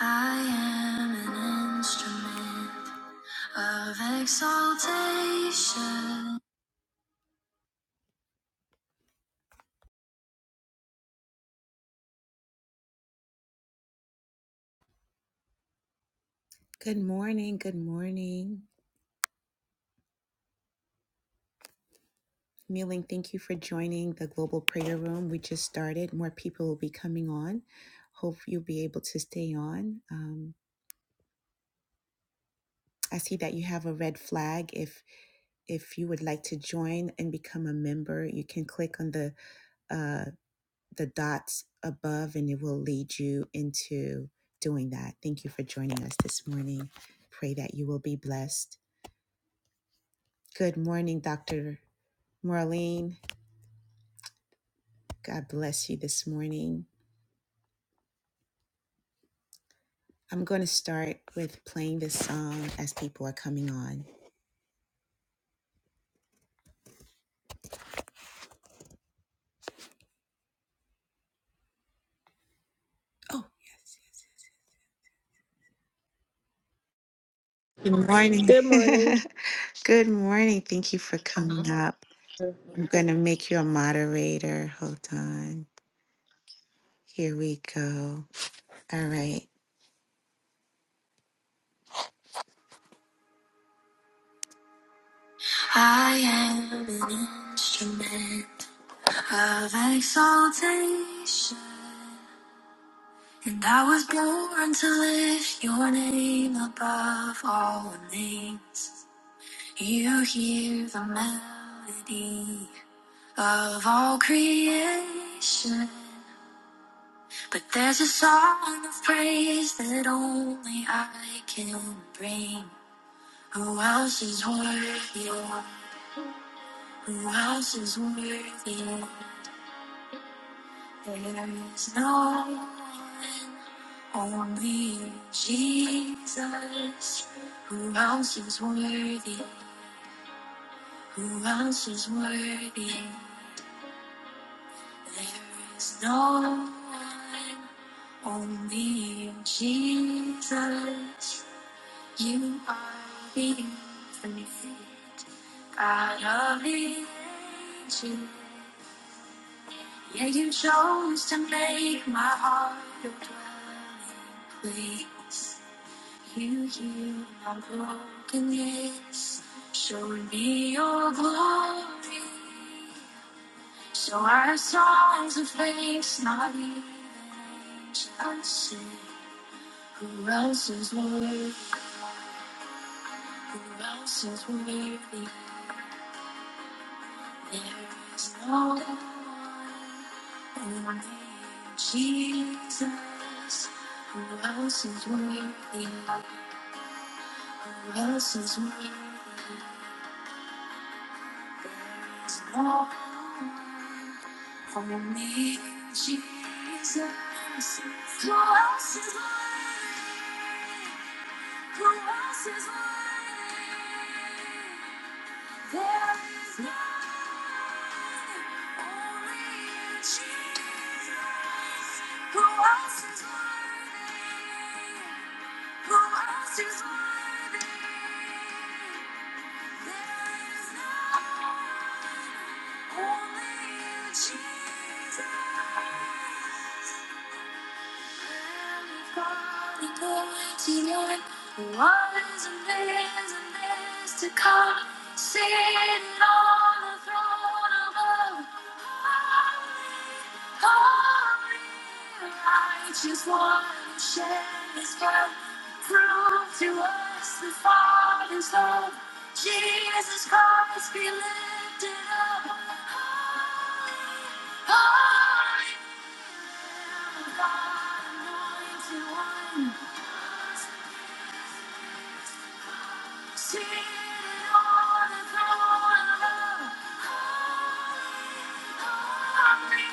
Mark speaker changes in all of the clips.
Speaker 1: I am an instrument of exaltation. Good morning. Good morning. Kneeling, thank you for joining the Global Prayer Room. We just started. More people will be coming on. Hope you'll be able to stay on. Um, I see that you have a red flag. If if you would like to join and become a member, you can click on the uh, the dots above and it will lead you into doing that. Thank you for joining us this morning. Pray that you will be blessed. Good morning, Dr. Marlene. God bless you this morning. I'm going to start with playing this song as people are coming on. Oh, good morning.
Speaker 2: Good morning.
Speaker 1: good morning. Thank you for coming up. I'm going to make you a moderator. Hold on. Here we go. All right. I am an instrument Of exaltation, and I was born to lift your name above all names. You hear the melody of all creation, but there's a song of praise that only I can bring. Who else is worthy? Who else is worthy? There is no one. Only Jesus, who else is worthy, who else is worthy? There is no one, only Jesus, you are the infinite, God of the ages. Yeah, you chose to make my heart your dwelling place. You heal my brokenness, show me your glory. So our songs of thanks, not even angels sing. Who else is worthy? Who else is worthy? There is no one, only Jesus. Who else is worthy? Who else is worthy? Lord, For me, Jesus, who else is worthy? Who else is worthy? There is none, only you, Jesus. Who else is worthy? Who else is worthy? Only you, Jesus to and days and days to come? sitting on the throne above. Holy, holy, Just one who shares God, prove to us the Father's love. Jesus Christ be lifted up. Holy, holy, Anointed one. Seated on the throne above, holy, holy,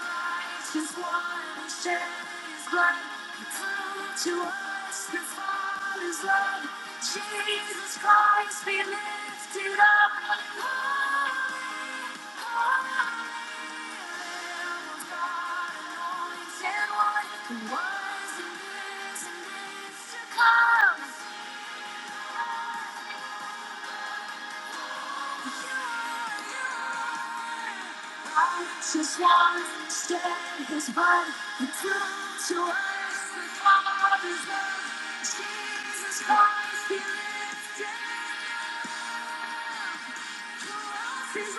Speaker 1: righteous one, who shed his blood He turned to us the Father's love. Jesus Christ be lifted up. Holy, holy, Lamb of God, was and one, who was and is and is to come. I just want to stay his body and prove to us The Father's is love. Jesus Christ, he lived Jesus!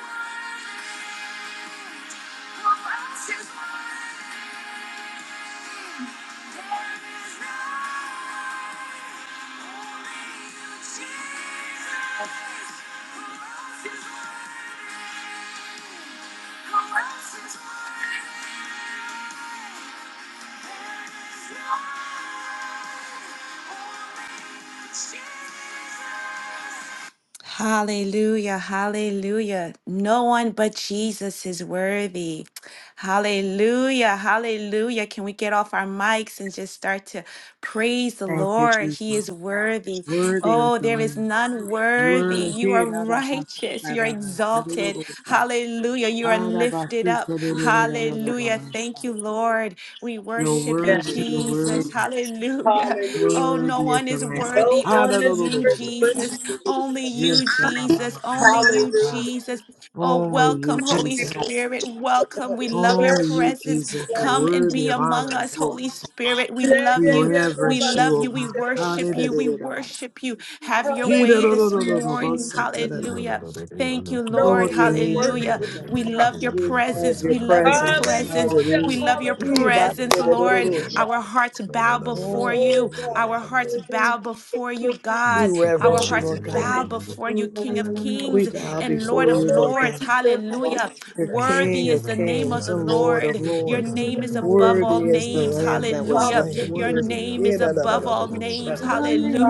Speaker 1: Hallelujah, hallelujah. No one but Jesus is worthy. Hallelujah, hallelujah. Can we get off our mics and just start to praise the
Speaker 3: Thank you,
Speaker 1: Lord? He
Speaker 3: Jesus.
Speaker 1: is worthy.
Speaker 3: Worthy is
Speaker 1: Oh,
Speaker 3: the
Speaker 1: there is
Speaker 3: Lamb.
Speaker 1: none worthy. You
Speaker 3: Worthy.
Speaker 1: are
Speaker 3: da, da, ba, sa,
Speaker 1: righteous.
Speaker 3: da,
Speaker 1: You're
Speaker 3: da, da, da, da, da,
Speaker 1: exalted.
Speaker 3: da, da.
Speaker 1: Hallelujah. You are
Speaker 3: Ah, da, ba,
Speaker 1: lifted
Speaker 3: si,
Speaker 1: up.
Speaker 3: da, da, da, da, da, da, da, da,
Speaker 1: Hallelujah.
Speaker 3: da, sa.
Speaker 1: Thank you, Lord. We
Speaker 3: You're
Speaker 1: worship you,
Speaker 2: Yes.
Speaker 3: worthy. You're worthy.
Speaker 1: Jesus. Hallelujah.
Speaker 2: Hallelujah.
Speaker 1: Oh, no
Speaker 3: Worthy is
Speaker 1: one
Speaker 3: the
Speaker 1: is
Speaker 3: Lamb.
Speaker 2: No
Speaker 1: worthy.
Speaker 3: Ah,
Speaker 2: one
Speaker 3: da,
Speaker 1: Only
Speaker 3: da,
Speaker 2: is
Speaker 3: da, da,
Speaker 1: you,
Speaker 3: da,
Speaker 2: worthy
Speaker 3: da.
Speaker 2: but
Speaker 1: Jesus.
Speaker 2: you,
Speaker 1: Only
Speaker 2: Jesus.
Speaker 3: Yes,
Speaker 1: you,
Speaker 3: da, ba, ba,
Speaker 1: Jesus.
Speaker 3: ba, ba,
Speaker 1: Only you,
Speaker 3: ba, ba,
Speaker 2: Hallelujah.
Speaker 3: ba.
Speaker 1: Jesus. Oh,
Speaker 3: Only
Speaker 1: welcome,
Speaker 3: you,
Speaker 1: Holy
Speaker 3: Jesus.
Speaker 1: Spirit. Welcome.
Speaker 2: We
Speaker 1: We love your
Speaker 3: Only
Speaker 2: bless you.
Speaker 3: you,
Speaker 1: presence.
Speaker 3: Jesus, are
Speaker 2: Bless
Speaker 1: Come and
Speaker 3: worthy
Speaker 1: be
Speaker 3: of
Speaker 1: among
Speaker 3: honor and
Speaker 1: us,
Speaker 3: glory.
Speaker 1: Holy Spirit. We
Speaker 2: you. Yeah,
Speaker 1: love
Speaker 3: We
Speaker 2: yeah,
Speaker 1: you.
Speaker 2: yeah,
Speaker 1: We
Speaker 3: reverence
Speaker 2: Rabbi.
Speaker 3: you,
Speaker 1: love
Speaker 3: O
Speaker 1: you. We
Speaker 2: Yeah,
Speaker 3: God. Ah,
Speaker 1: worship
Speaker 3: da, da,
Speaker 1: you.
Speaker 3: da,
Speaker 1: We
Speaker 3: da, da, ba.
Speaker 1: worship you. Have
Speaker 2: Rabbi.
Speaker 1: your
Speaker 3: He, da,
Speaker 1: way
Speaker 3: da, da,
Speaker 1: this
Speaker 3: da, da,
Speaker 2: Hallelujah,
Speaker 3: da,
Speaker 2: Jesus.
Speaker 3: ba,
Speaker 1: morning.
Speaker 3: sa, da, da, da,
Speaker 4: Thank
Speaker 3: da.
Speaker 1: Hallelujah. Thank you,
Speaker 2: No
Speaker 1: Lord.
Speaker 3: Lord,
Speaker 2: one
Speaker 3: we
Speaker 2: is
Speaker 3: need you,
Speaker 2: worthy
Speaker 1: Hallelujah.
Speaker 3: Lord
Speaker 2: but you,
Speaker 3: God.
Speaker 1: We
Speaker 2: God.
Speaker 1: love your
Speaker 3: We love
Speaker 1: presence.
Speaker 3: your
Speaker 1: We love your
Speaker 3: presence.
Speaker 2: Hallelujah.
Speaker 1: presence. We
Speaker 3: Hallelujah.
Speaker 1: love your
Speaker 3: We
Speaker 2: Hallelujah.
Speaker 3: bow
Speaker 1: presence,
Speaker 3: to the Lord,
Speaker 1: Lord.
Speaker 3: Lord.
Speaker 2: Hallelujah.
Speaker 1: Our hearts bow before
Speaker 3: Oh,
Speaker 2: Oh,
Speaker 1: you.
Speaker 2: God.
Speaker 1: Our hearts
Speaker 2: Hallelujah.
Speaker 1: bow before you,
Speaker 3: we
Speaker 1: God. Our
Speaker 3: reverence you,
Speaker 2: Glory
Speaker 1: hearts
Speaker 2: to
Speaker 3: Lord
Speaker 2: your
Speaker 3: God.
Speaker 1: bow
Speaker 2: name.
Speaker 1: before you, King of kings
Speaker 3: We bow
Speaker 1: and Lord
Speaker 3: before
Speaker 1: of
Speaker 3: you, Lord
Speaker 2: Glory
Speaker 1: lords.
Speaker 3: God.
Speaker 2: to your name,
Speaker 1: Hallelujah.
Speaker 3: You're
Speaker 2: Jesus.
Speaker 1: Worthy
Speaker 3: King
Speaker 1: is
Speaker 3: of
Speaker 1: the name of
Speaker 3: kings
Speaker 1: the
Speaker 3: and Lord of
Speaker 1: Lord. Your
Speaker 3: lords.
Speaker 1: name is above all
Speaker 3: Worthy is the
Speaker 1: names.
Speaker 3: Lamb that was
Speaker 1: Hallelujah.
Speaker 2: Hallelujah.
Speaker 3: slain.
Speaker 1: Your
Speaker 3: Worthy.
Speaker 1: name
Speaker 3: Eh,
Speaker 1: is
Speaker 3: da, da, da,
Speaker 1: above
Speaker 3: da, da,
Speaker 1: all
Speaker 3: bo- sha.
Speaker 1: names.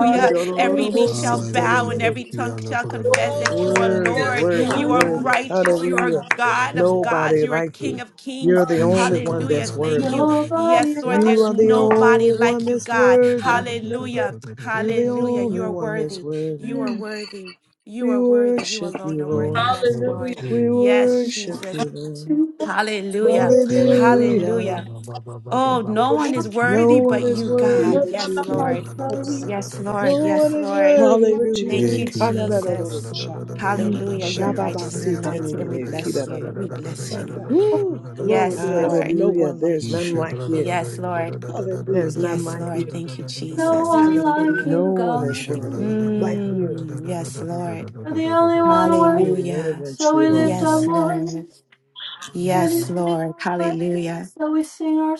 Speaker 4: you.
Speaker 3: He, da, da, da,
Speaker 1: Every
Speaker 3: da,
Speaker 1: knee
Speaker 3: bo- si,
Speaker 1: shall
Speaker 3: da, da,
Speaker 1: bow
Speaker 4: Hallelujah.
Speaker 3: da,
Speaker 1: and
Speaker 3: da,
Speaker 1: every
Speaker 3: ki.
Speaker 1: tongue
Speaker 4: Yeah, la,
Speaker 1: shall
Speaker 4: ko, da, da, da,
Speaker 1: confess
Speaker 4: da,
Speaker 1: that
Speaker 2: Oh,
Speaker 1: you
Speaker 4: da,
Speaker 1: are
Speaker 4: da, da,
Speaker 3: Worthy,
Speaker 2: yes,
Speaker 4: da, da,
Speaker 1: Lord.
Speaker 4: da, da,
Speaker 3: worthy,
Speaker 2: God.
Speaker 1: You
Speaker 4: da,
Speaker 1: are
Speaker 3: worthy.
Speaker 1: righteous. You are
Speaker 3: Hallelujah.
Speaker 4: da,
Speaker 1: God of
Speaker 2: Hallelujah.
Speaker 1: gods.
Speaker 3: Nobody
Speaker 1: You are
Speaker 3: like
Speaker 1: King
Speaker 3: you.
Speaker 1: of
Speaker 3: You're
Speaker 1: kings.
Speaker 3: the only
Speaker 2: Hallelujah.
Speaker 3: one
Speaker 1: Hallelujah.
Speaker 3: that's
Speaker 1: Thank
Speaker 3: worthy.
Speaker 1: you. Yes, Lord.
Speaker 3: You
Speaker 1: There's
Speaker 3: are the
Speaker 1: nobody
Speaker 3: only one
Speaker 1: like you,
Speaker 3: that's
Speaker 1: God.
Speaker 3: worthy.
Speaker 2: Hallelujah.
Speaker 1: Hallelujah.
Speaker 3: You're the
Speaker 1: Hallelujah. You
Speaker 3: only
Speaker 1: are
Speaker 4: da, da,
Speaker 3: one that's
Speaker 1: worthy.
Speaker 3: worthy.
Speaker 1: You are
Speaker 2: Mm,
Speaker 1: worthy. You
Speaker 3: We
Speaker 1: are worthy. You
Speaker 3: worship
Speaker 1: alone
Speaker 3: you,
Speaker 1: are worthy.
Speaker 3: Lord.
Speaker 1: Yes, Lord.
Speaker 2: Hallelujah.
Speaker 3: We
Speaker 1: Yes,
Speaker 3: worship
Speaker 1: Jesus.
Speaker 3: you, Lord.
Speaker 1: Hallelujah.
Speaker 2: Glory, glory. glory.
Speaker 3: Hallelujah.
Speaker 1: Hallelujah. Oh, no one is
Speaker 3: No
Speaker 1: worthy but
Speaker 3: one is
Speaker 1: you,
Speaker 3: worthy
Speaker 1: God.
Speaker 2: No, no,
Speaker 3: but
Speaker 1: Yes,
Speaker 2: no,
Speaker 3: you,
Speaker 2: no,
Speaker 3: Lord.
Speaker 1: Lord.
Speaker 2: yes.
Speaker 1: Yes,
Speaker 4: da.
Speaker 3: No
Speaker 1: Lord.
Speaker 4: Yes,
Speaker 1: Yes,
Speaker 3: one is
Speaker 1: Lord.
Speaker 3: worthy but
Speaker 2: Hallelujah.
Speaker 1: Thank
Speaker 4: Amen.
Speaker 1: you,
Speaker 3: you.
Speaker 1: Jesus.
Speaker 3: Ha-da-da-da-da-da-cha.
Speaker 1: Hallelujah. You're righteous and anointed, and we bless you. We bless you.
Speaker 3: Shabba-ba-si-te-de-de-de-ki-da-da-da-da-da-sanda.
Speaker 2: Woo, glory.
Speaker 1: Yes,
Speaker 2: There is
Speaker 1: Lord.
Speaker 2: no
Speaker 3: Hallelujah.
Speaker 2: one like
Speaker 3: There's
Speaker 2: you.
Speaker 3: none like you.
Speaker 1: Yes, Lord.
Speaker 3: There's
Speaker 2: Hallelujah.
Speaker 3: none
Speaker 1: Yes,
Speaker 3: like
Speaker 1: Lord.
Speaker 3: you.
Speaker 1: Thank you, Jesus.
Speaker 2: Hallelujah.
Speaker 1: Hallelujah.
Speaker 3: No one is worthy like you.
Speaker 1: Mm, yes, Lord.
Speaker 3: We
Speaker 1: Hallelujah.
Speaker 3: reverence you, Lord.
Speaker 1: Yes, Lord. Yes, Lord. Hallelujah.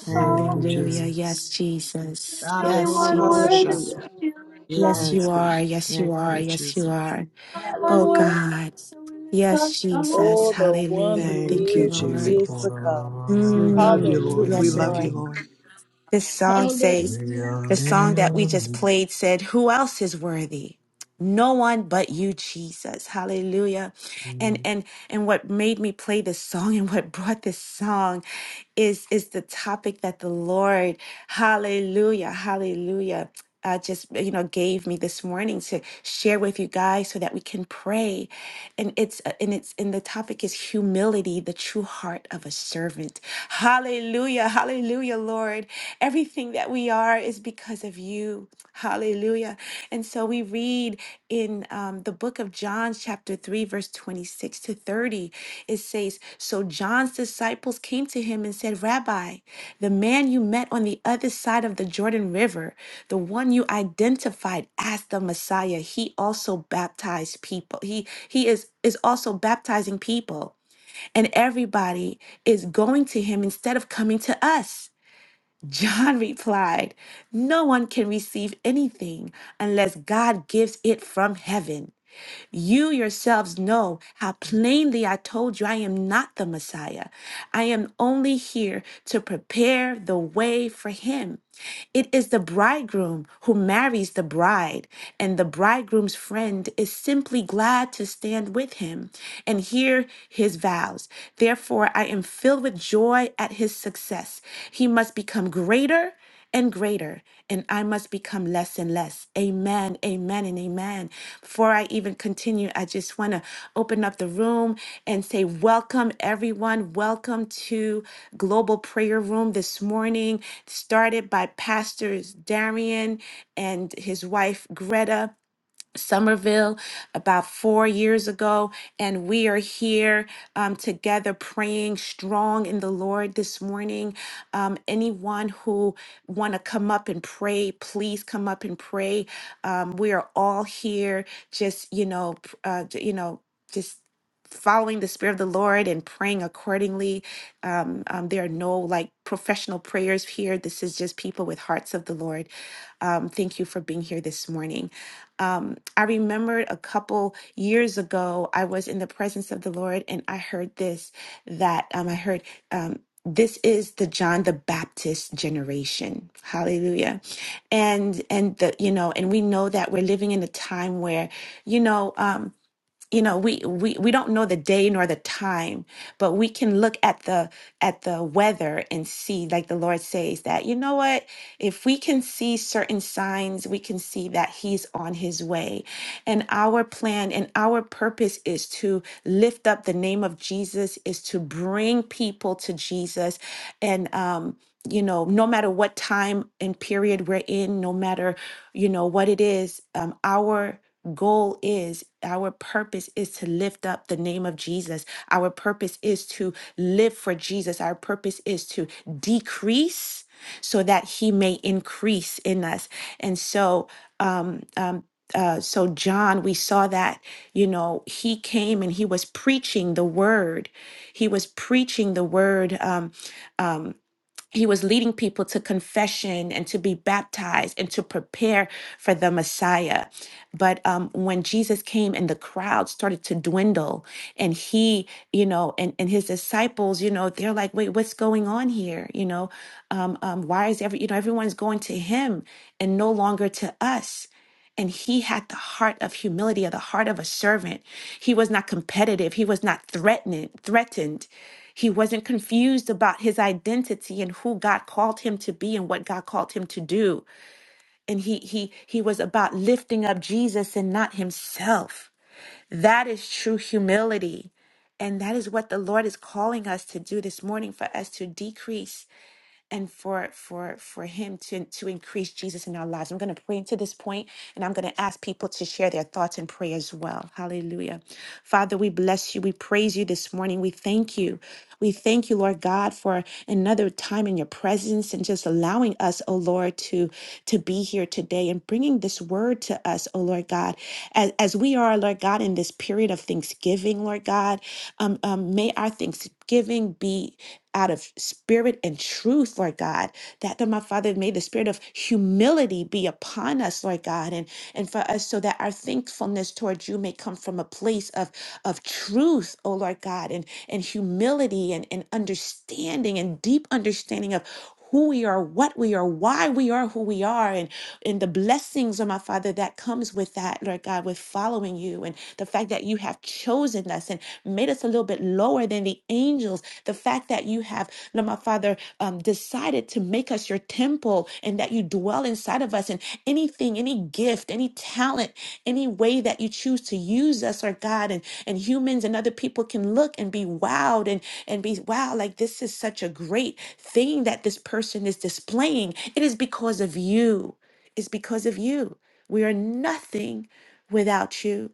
Speaker 3: Thank you,
Speaker 1: Hallelujah.
Speaker 3: Jesus.
Speaker 1: Yes, Jesus. Yes,
Speaker 3: Hallelujah.
Speaker 1: Jesus.
Speaker 2: Hallelujah.
Speaker 1: Yes,
Speaker 3: Yes,
Speaker 1: you
Speaker 3: God.
Speaker 1: are. Yes, you
Speaker 3: Thank
Speaker 1: are.
Speaker 3: you,
Speaker 1: Yes, you
Speaker 3: Jesus.
Speaker 1: are. Oh,
Speaker 2: Hallelujah.
Speaker 1: God. Yes, Jesus.
Speaker 2: Oh, the one
Speaker 1: Hallelujah.
Speaker 2: who
Speaker 3: Thank
Speaker 1: Thank you,
Speaker 3: you,
Speaker 2: is and
Speaker 1: Lord.
Speaker 2: is
Speaker 3: Jesus.
Speaker 2: to come.
Speaker 3: We love you,
Speaker 1: Mm.
Speaker 2: Hallelujah.
Speaker 3: Lord. We
Speaker 1: Yes,
Speaker 3: love you,
Speaker 1: Lord.
Speaker 3: Lord.
Speaker 1: This song says. The song that we just played said, Who else is worthy? No one but you, Jesus. Hallelujah. And and and what made me play this song and what brought this song is is the topic that the Lord, hallelujah, hallelujah, uh, just you know gave me this morning to share with you guys so that we can pray and it's uh, and it's and the topic is humility the true heart of a servant hallelujah hallelujah lord Everything that we are is because of you. Hallelujah. And so we read in um, the book of John, chapter 3, verse 26 to 30, it says, So John's disciples came to him and said, 'Rabbi, the man you met on the other side of the Jordan River, the one you identified as the Messiah, he also baptized people. He he is is also baptizing people. And everybody is going to him instead of coming to us. John replied, No one can receive anything unless God gives it from heaven. You yourselves know how plainly I told you I am not the Messiah. I am only here to prepare the way for him. It is the bridegroom who marries the bride, and the bridegroom's friend is simply glad to stand with him and hear his vows. Therefore, I am filled with joy at his success. He must become greater and greater, and I must become less and less. Amen, amen, and amen. Before I even continue, I just want to open up the room and say, Welcome, everyone. Welcome to Global Prayer Room this morning started by Pastors Darian and his wife Greta. Somerville about four years ago, and we are here um, together praying strong in the Lord this morning. Um, anyone who want to come up and pray, please come up and pray. Um, we are all here, just you know, pr- uh, j- you know, just following the spirit of the lord and praying accordingly um, um, there are no like professional prayers here this is just people with hearts of the lord um, thank you for being here this morning um, I remembered a couple years ago, I was in the presence of the Lord and I heard this that um, I heard um, this is the John the Baptist generation. Hallelujah. And and the you know, and we know that we're living in a time where, you know, um, you know we, we we don't know the day nor the time but we can look at the at the weather and see like the lord says that you know what if we can see certain signs we can see that he's on his way and our plan and our purpose is to lift up the name of jesus is to bring people to jesus and um you know no matter what time and period we're in no matter you know what it is um our goal is, our purpose is to lift up the name of Jesus. Our purpose is to live for Jesus. Our purpose is to decrease so that he may increase in us. And so, um, um, uh, so John, we saw that, you know, he came and he was preaching the word. He was preaching the word. Um, um, he was leading people to confession and to be baptized and to prepare for the Messiah. But um, when Jesus came and the crowd started to dwindle, and he, you know, and, and his disciples, you know, they're like, wait, what's going on here? You know, um, um, why is every, you know, everyone's going to him and no longer to us? And he had the heart of humility, or the heart of a servant. He was not competitive. He was not threatened. Threatened. He wasn't confused about his identity and who God called him to be and what God called him to do. And he he he was about lifting up Jesus and not himself. That is true humility. And that is what the Lord is calling us to do this morning for us to decrease and for for for him to to increase Jesus in our lives. I'm going to pray into this point and I'm going to ask people to share their thoughts and pray as well. Hallelujah. Father, we bless you. We praise you this morning. We thank you. We thank you, Lord God, for another time in your presence and just allowing us, oh Lord, to to be here today and bringing this word to us, oh Lord God, as, as we are, Lord God, in this period of Thanksgiving, Lord God. Um, um, may may our thanksgiving be out of spirit and truth, Lord God. That, Lord, my Father, may the spirit of humility be upon us, Lord God, and, and for us so that our thankfulness towards you may come from a place of, of truth, oh Lord God, and, and humility and, and understanding and deep understanding of who we are, what we are, why we are who we are, and and the blessings of my Father that comes with that, Lord God, with following you, and the fact that you have chosen us and made us a little bit lower than the angels, the fact that you have, Lord my Father, um, decided to make us your temple temple and that you dwell inside of us. And anything, any gift, any talent, any way that you choose to use us, or God, and, and humans and other people can look and be wowed and, and be, wow, like this is such a great thing that this person is displaying. It is because of you. It's because of you. We are nothing without you.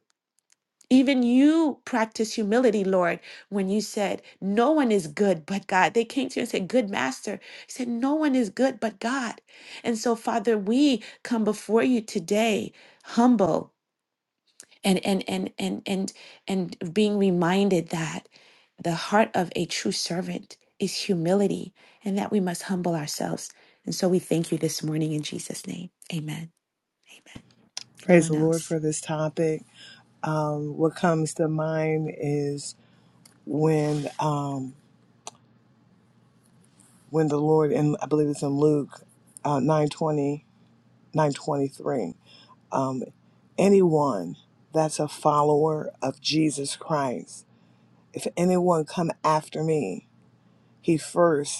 Speaker 1: Even you practice humility, Lord, when you said, No one is good but God. They came to you and said, Good master. You said, No one is good but God. And so, Father, we come before you today, humble and and and and and and being reminded that the heart of a true servant is humility and that we must humble ourselves. And so we thank you this morning in Jesus' name. Amen.
Speaker 3: Praise
Speaker 1: Anyone
Speaker 3: the Lord
Speaker 1: else?
Speaker 3: for this topic. Um, what comes to mind is when um, when the Lord, and I believe it's in Luke uh, 920, um, anyone that's a follower of Jesus Christ, if anyone come after me, he first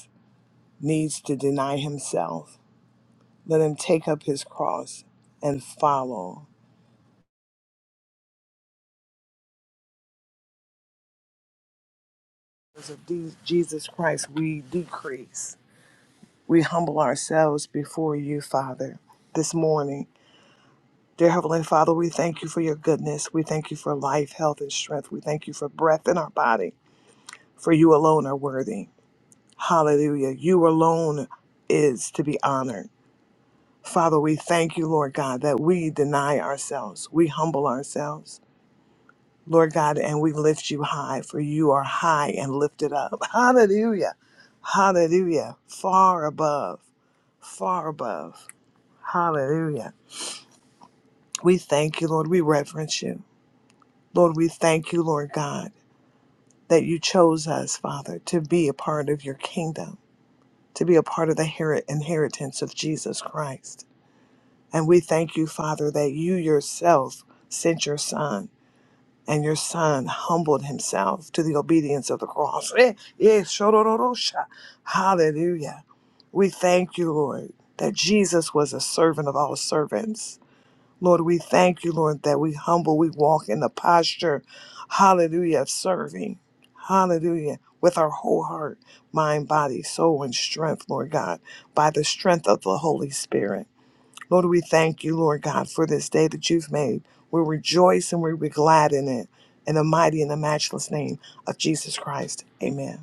Speaker 3: needs to deny himself. Let him take up his cross and follow. Because of these- Jesus Christ, we decrease. We humble ourselves before you, Father, this morning. Dear Heavenly Father, we thank you for your goodness. We thank you for life, health, and strength. We thank you for breath in our body, for you alone are worthy. Hallelujah. You alone is to be honored. Father, we thank you, Lord God, that we deny ourselves, we humble ourselves. Lord God, and we lift you high, for you are high and lifted up. Hallelujah. Hallelujah. Far above, far above. Hallelujah. We thank you, Lord. We reverence you. Lord, we thank you, Lord God, that you chose us, Father, to be a part of your kingdom, to be a part of the heri- inheritance of Jesus Christ. And we thank you, Father, that you yourself sent your Son and your son humbled himself to the obedience of the cross. Eh, eh, shorororosha. Hallelujah. We thank you, Lord, that Jesus was a servant of all servants. Lord, we thank you, Lord, that we humble, we walk in the posture, hallelujah, of serving. Hallelujah. With our whole heart, mind, body, soul, and strength, Lord God, by the strength of the Holy Spirit. Lord, we thank you, Lord God, for this day that you've made. We rejoice and we be glad in it. In the mighty and the matchless name of Jesus Christ. Amen.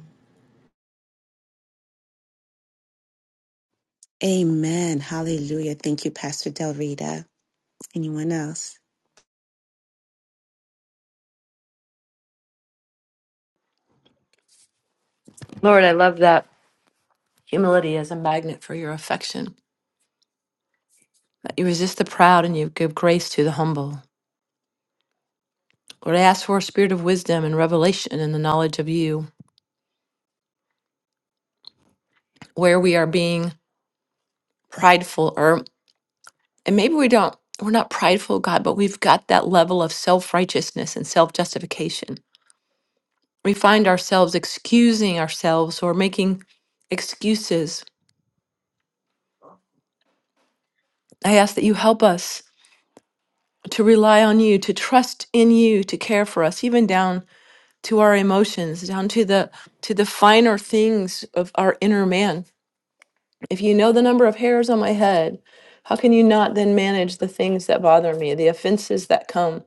Speaker 1: Amen. Hallelujah. Thank you, Pastor Del Rita. Anyone else?
Speaker 5: that you resist the proud and you give grace to the humble. Lord, I ask for a spirit of wisdom and revelation and the knowledge of you, where we are being prideful, or and maybe we don't, we're not prideful, God, but we've got that level of self righteousness and self justification. We find ourselves excusing ourselves or making excuses. I ask that you help us to rely on you, to trust in you, to care for us, even down to our emotions, down to the to the finer things of our inner man If you know the number of hairs on my head, how can you not then manage the things that bother me, the offenses that come,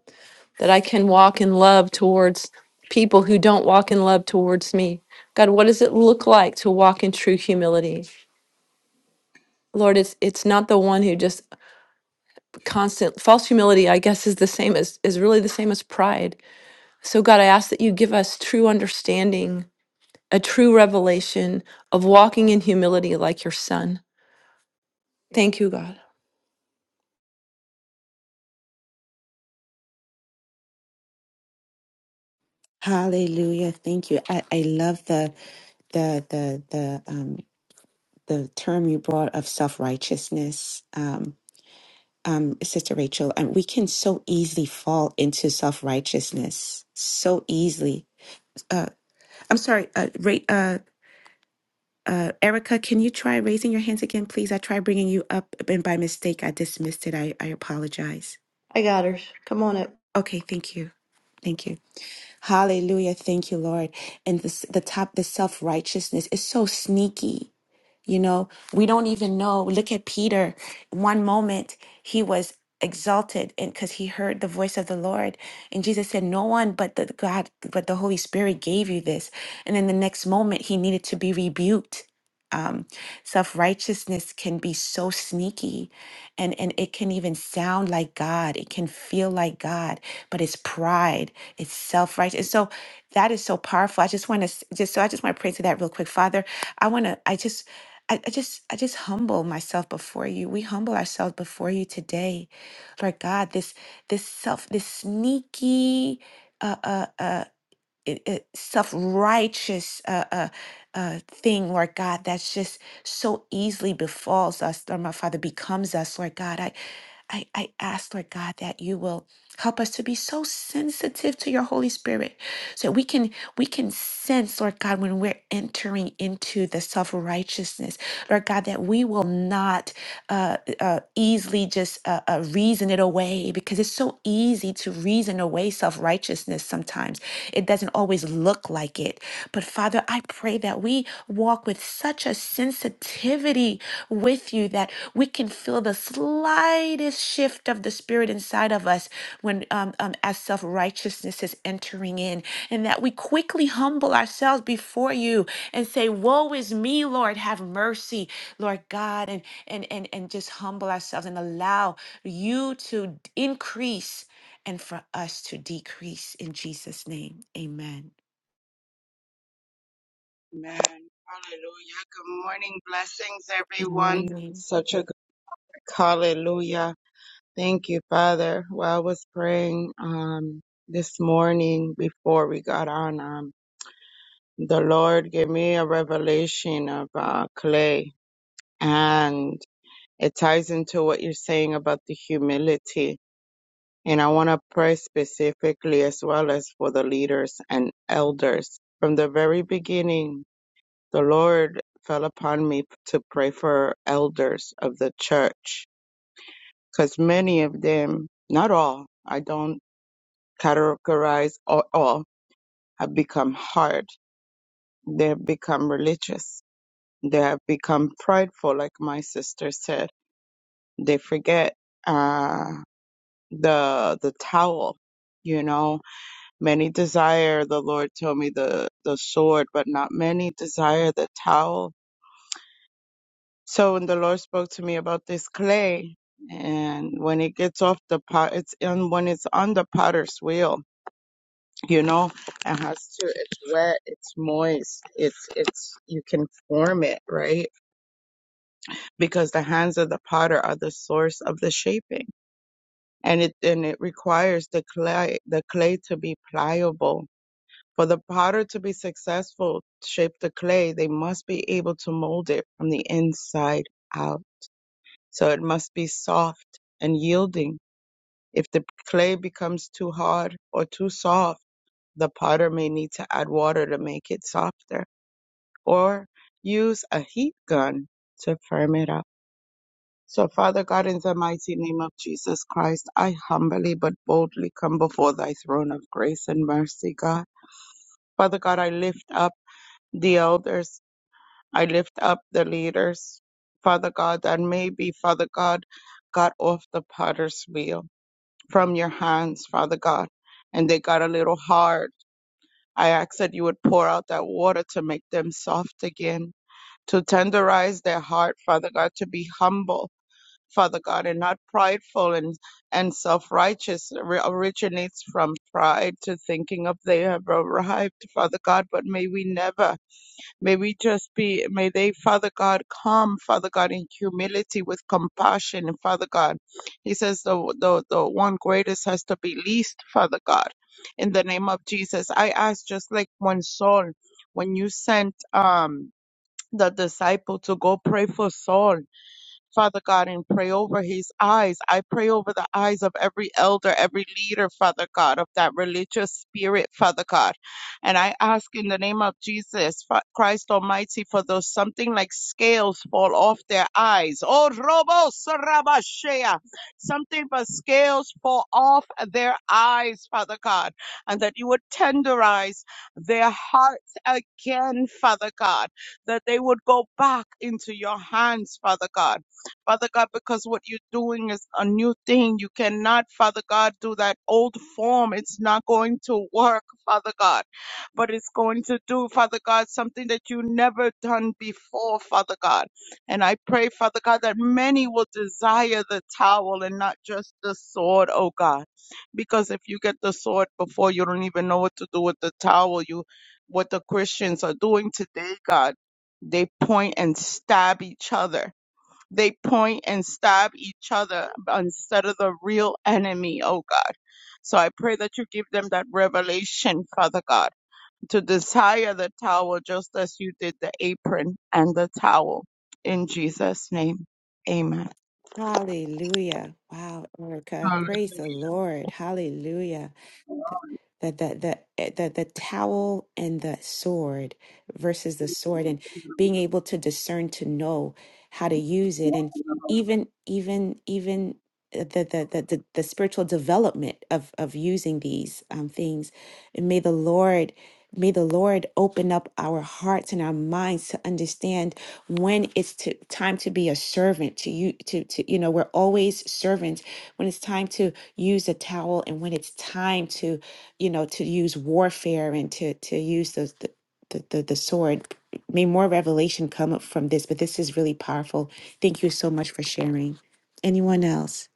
Speaker 5: that I can walk in love towards people who don't walk in love towards me? God, what does it look like to walk in true humility? Lord, it's it's not the one who just constant false humility, I guess, is the same as is really the same as pride. So God, I ask that you give us true understanding, a true revelation of walking in humility like your son. Thank you, God.
Speaker 1: Hallelujah. Thank you. I, I love the the the the um the term you brought of self-righteousness. Um Sister Rachel, and we can so easily fall into self-righteousness. So easily. Uh, I'm sorry, uh, Ra- uh, uh, Erica, can you try raising your hands again, please? I tried bringing you up, and by mistake, I dismissed it. I, I apologize.
Speaker 5: I got her. Come on up.
Speaker 1: Okay, thank you. Thank you. Hallelujah. Thank you, Lord. And this, the top, the self righteousness is so sneaky. You know, we don't even know. Look at Peter. One moment he was exalted and because he heard the voice of the Lord. And Jesus said, No one but the God, but the Holy Spirit gave you this. And then the next moment he needed to be rebuked Self righteousness can be so sneaky and, and it can even sound like God. It can feel like God, but it's pride, it's self righteous. So that is so powerful. I just want to just so I just want to pray to that real quick. Father, I want to, I just, I, I just, I just humble myself before you. We humble ourselves before you today. Lord God, this, this self, this sneaky, uh, uh, uh, it, it, self-righteous uh, uh, uh, thing, Lord God, that's just so easily befalls us, Lord my Father, becomes us, Lord God. I, I, I ask, Lord God, that you will help us to be so sensitive to your Holy Spirit, so that we can we can sense, Lord God, when we're entering into the self righteousness. Lord God, that we will not uh, uh, easily just uh, uh, reason it away because it's so easy to reason away self righteousness sometimes. It doesn't always look like it. But Father, I pray that we walk with such a sensitivity with you that we can feel the slightest shift of the spirit spirit inside of us when um, um, as self righteousness is entering in, and that we quickly humble ourselves before you and say, "Woe is me, Lord, have mercy, Lord God," and and and and just humble ourselves and allow you to increase and for us to decrease in Jesus' name. Amen.
Speaker 6: Amen. Hallelujah. Good morning. Blessings,
Speaker 1: Good
Speaker 6: everyone.
Speaker 1: morning.
Speaker 6: Such a good hallelujah. Thank you, Father. While I was praying um, this morning before we got on. Um, the Lord gave me a revelation of uh, clay, and it ties into what you're saying about the humility. And I want to pray specifically as well as for the leaders and elders. From the very beginning, The Lord fell upon me to pray for elders of the church because many of them, not all, I don't categorize all, all, have become hard. They have become religious. They have become prideful, like my sister said. They forget uh, the the towel. You know, many desire the Lord told me the the sword, but not many desire the towel So when the Lord spoke to me about this clay, and when it gets off the pot, it's and when it's on the potter's wheel, you know, it has to. It's wet, it's moist, it's it's you can form it right because the hands of the potter are the source of the shaping, and it and it requires the clay the clay to be pliable. For the potter to be successful, to shape the clay, they must be able to mold it from the inside out So it must be soft and yielding. If the clay becomes too hard or too soft, the potter may need to add water to make it softer or use a heat gun to firm it up. So, Father God, in the mighty name of Jesus Christ, I humbly but boldly come before thy throne of grace and mercy, God. Father God, I lift up the elders. I lift up the leaders, Father God, that may be, Father God, got off the potter's wheel. from your hands, Father God. And they got a little hard. I ask that you would pour out that water to make them soft again, to tenderize their heart, Father God, to be humble, Father God, and not prideful and, and self righteous. originates from pride to thinking of they have arrived, Father God, but may we never. May we just be, may they, Father God, come, Father God, in humility with compassion, Father God. He says the, the, the one greatest has to be least, Father God. In the name of Jesus, I ask just like one soul, when you sent, um, the disciple to go pray for Saul, Father God, and pray over his eyes. I pray over the eyes of every elder, every leader, Father God, of that religious spirit, Father God. And I ask in the name of Jesus, Fa- Christ Almighty, for those something like scales fall off their eyes. Oh, Robo Sarabashea. Something but scales fall off their eyes, Father God, and that you would tenderize their hearts again, Father God, that they would go back into your hands, Father God Father God, because what you're doing is a new thing. You cannot, Father God, do that old form. It's not going to work, Father God, but it's going to do, Father God, something that you never done before, Father God. And I pray, Father God, that many will desire the towel and not just the sword, oh God. Because if you get the sword before, you don't even know what to do with the towel. You, what the Christians are doing today, God, they point and stab each other they point and stab each other instead of the real enemy, oh God. So I pray that you give them that revelation, Father God, to desire the towel just as you did the apron and the towel. In Jesus' name, amen.
Speaker 1: Hallelujah. Wow, Erica. Praise the Lord. Hallelujah. the the the eh, the the towel and the sword versus the sword and being able to discern to know how to use it and even even even eh, the the the, the, the spiritual development of of using these um, things and may the lord May the Lord open up our hearts and our minds to understand when it's to, time to be a servant to you to, to you know we're always servants when it's time to use a towel and when it's time to you know to use warfare and to to use the the, the, the the sword. May more revelation come up from this, but this is really powerful. Thank you so much for sharing. Anyone else?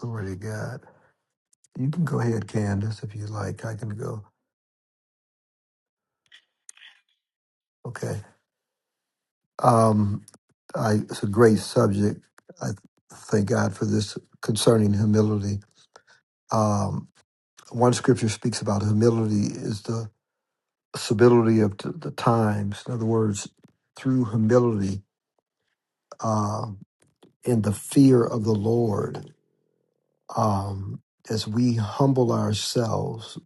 Speaker 4: Glory to God. You can go ahead, Candace, if you like. I can go. Okay. Um, I, it's a great subject. I thank God for this concerning humility. Um, one scripture speaks about humility is the stability of t- the times. In other words, through humility uh, and the fear of the Lord, um, as we humble ourselves,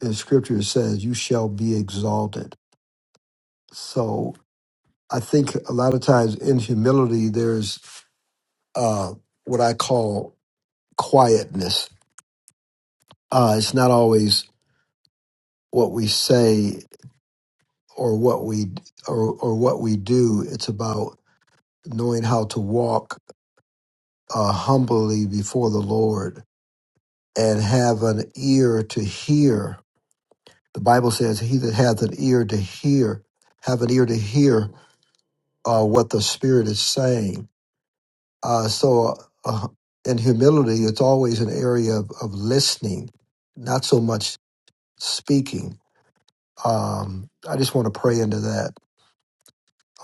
Speaker 4: as scripture says, you shall be exalted. So. I think a lot of times in humility, there's uh, what I call quietness. Uh, it's not always what we say or what we or, or what we do. It's about knowing how to walk uh, humbly before the Lord and have an ear to hear. The Bible says, "He that hath an ear to hear, have an ear to hear uh, what the Spirit is saying." Uh, so, uh, in humility, it's always an area of, of listening, not so much speaking. Um, I just want to pray into that.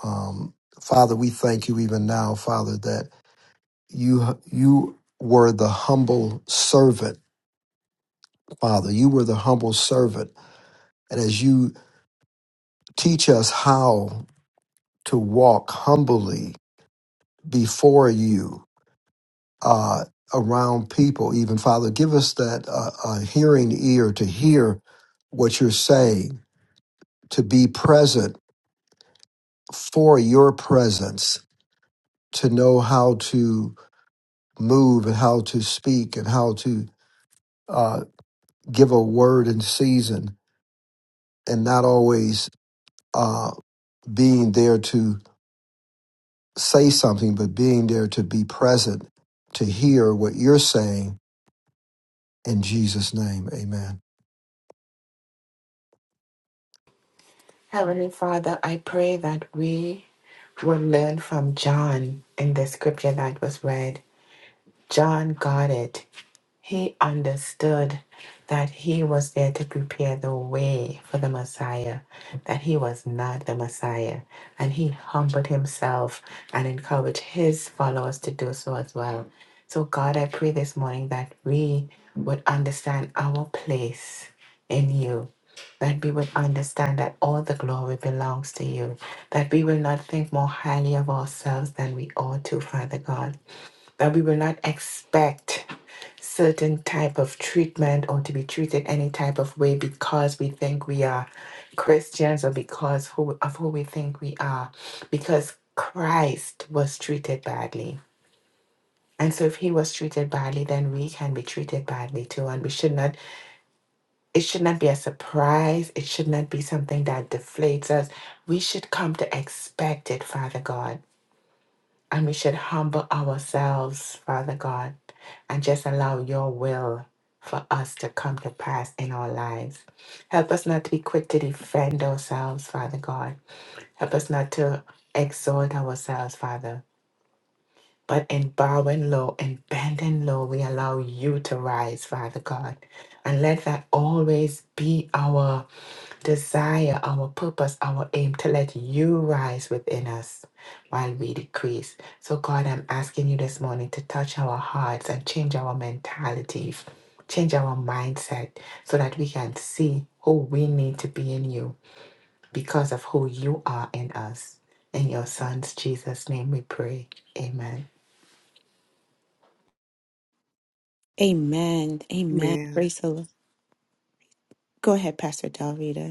Speaker 4: Um, Father, we thank you even now, Father, that you you were the humble servant, Father. You were the humble servant, and as you teach us how to walk humbly before you, uh, around people, even Father. Give us that uh, uh, hearing ear to hear what you're saying, to be present for your presence, to know how to move and how to speak and how to uh, give a word in season and not always uh, being there to say something, but being there to be present, to hear what you're saying. In Jesus' name, amen.
Speaker 7: Heavenly Father, I pray that we will learn from John in the scripture that was read. John got it. He understood that he was there to prepare the way for the Messiah, that he was not the Messiah. And he humbled himself and encouraged his followers to do so as well. So, God, I pray this morning that we would understand our place in you that we would understand that all the glory belongs to you, that we will not think more highly of ourselves than we ought to, Father God, that we will not expect certain type of treatment or to be treated any type of way because we think we are Christians or because who, of who we think we are, because Christ was treated badly. And so if he was treated badly, then we can be treated badly too. And we should not it should not be a surprise. It should not be something that deflates us. We should come to expect it, Father God. And we should humble ourselves, Father God, and just allow your will for us to come to pass in our lives. Help us not to be quick to defend ourselves, Father God. Help us not to exalt ourselves, Father. But in bowing low and bending low, we allow you to rise, Father God. And let that always be our desire, our purpose, our aim to let you rise within us while we decrease. So, God, I'm asking you this morning to touch our hearts and change our mentalities, change our mindset so that we can see who we need to be in you because of who you are in us. In your son's Jesus' name we pray. Amen.
Speaker 1: Amen. Amen.
Speaker 3: Amen.
Speaker 1: Praise the Lord. Go ahead, Pastor Del Rita.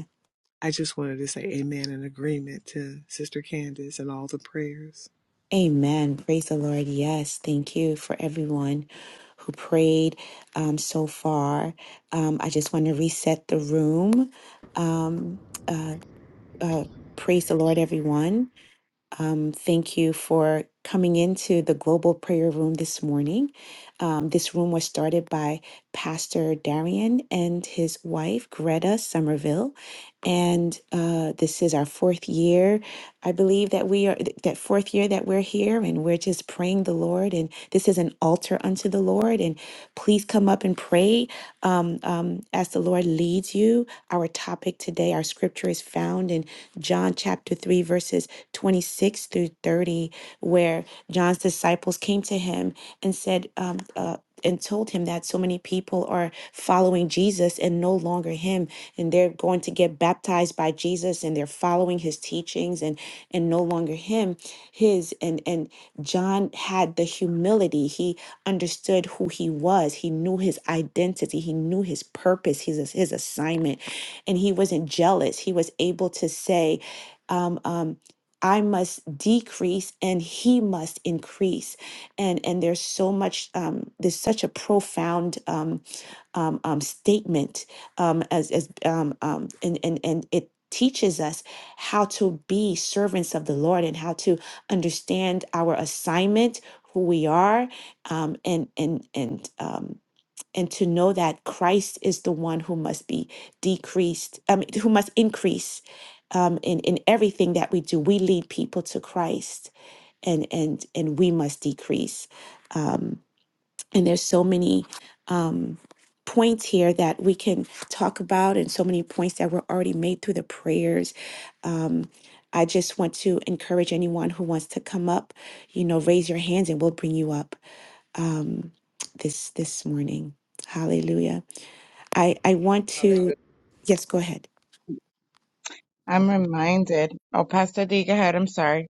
Speaker 3: I just wanted to say amen in agreement to Sister Candace and all the prayers.
Speaker 1: Amen. Praise the Lord. Yes. Thank you for everyone who prayed um, so far. Um, I just want to reset the room. Um, uh, uh, praise the Lord, everyone. Um, thank you for coming into the global prayer room this morning. Um, this room was started by Pastor Darian and his wife, Greta Somerville and uh, this is our fourth year. I believe that we are that fourth year that we're here, and we're just praying the Lord. And this is an altar unto the Lord. And please come up and pray um, um, as the Lord leads you. Our topic today, our scripture is found in John chapter three, verses twenty-six through thirty, where John's disciples came to him and said. Um, uh, and told him that so many people are following Jesus and no longer him and they're going to get baptized by Jesus and they're following his teachings and and no longer him his and and John had the humility he understood who he was he knew his identity he knew his purpose his his assignment and he wasn't jealous he was able to say um um I must decrease and he must increase and and there's so much um, there's such a profound um, um, um, statement um, as as um, um, and and and it teaches us how to be servants of the Lord and how to understand our assignment, who we are, um, and and and um, and to know that Christ is the one who must be decreased, um, who must increase um, in in everything that we do. We lead people to Christ, and and and we must decrease. Um, and there's so many uh, points here that we can talk about, and so many points that were already made through the prayers. Um, I just want to encourage anyone who wants to come up, you know, raise your hands, and we'll bring you up this this morning. Hallelujah. I I want to.
Speaker 6: Hallelujah.
Speaker 1: Yes, go ahead.
Speaker 6: I'm reminded. Oh, Pastor D, go ahead. I'm sorry.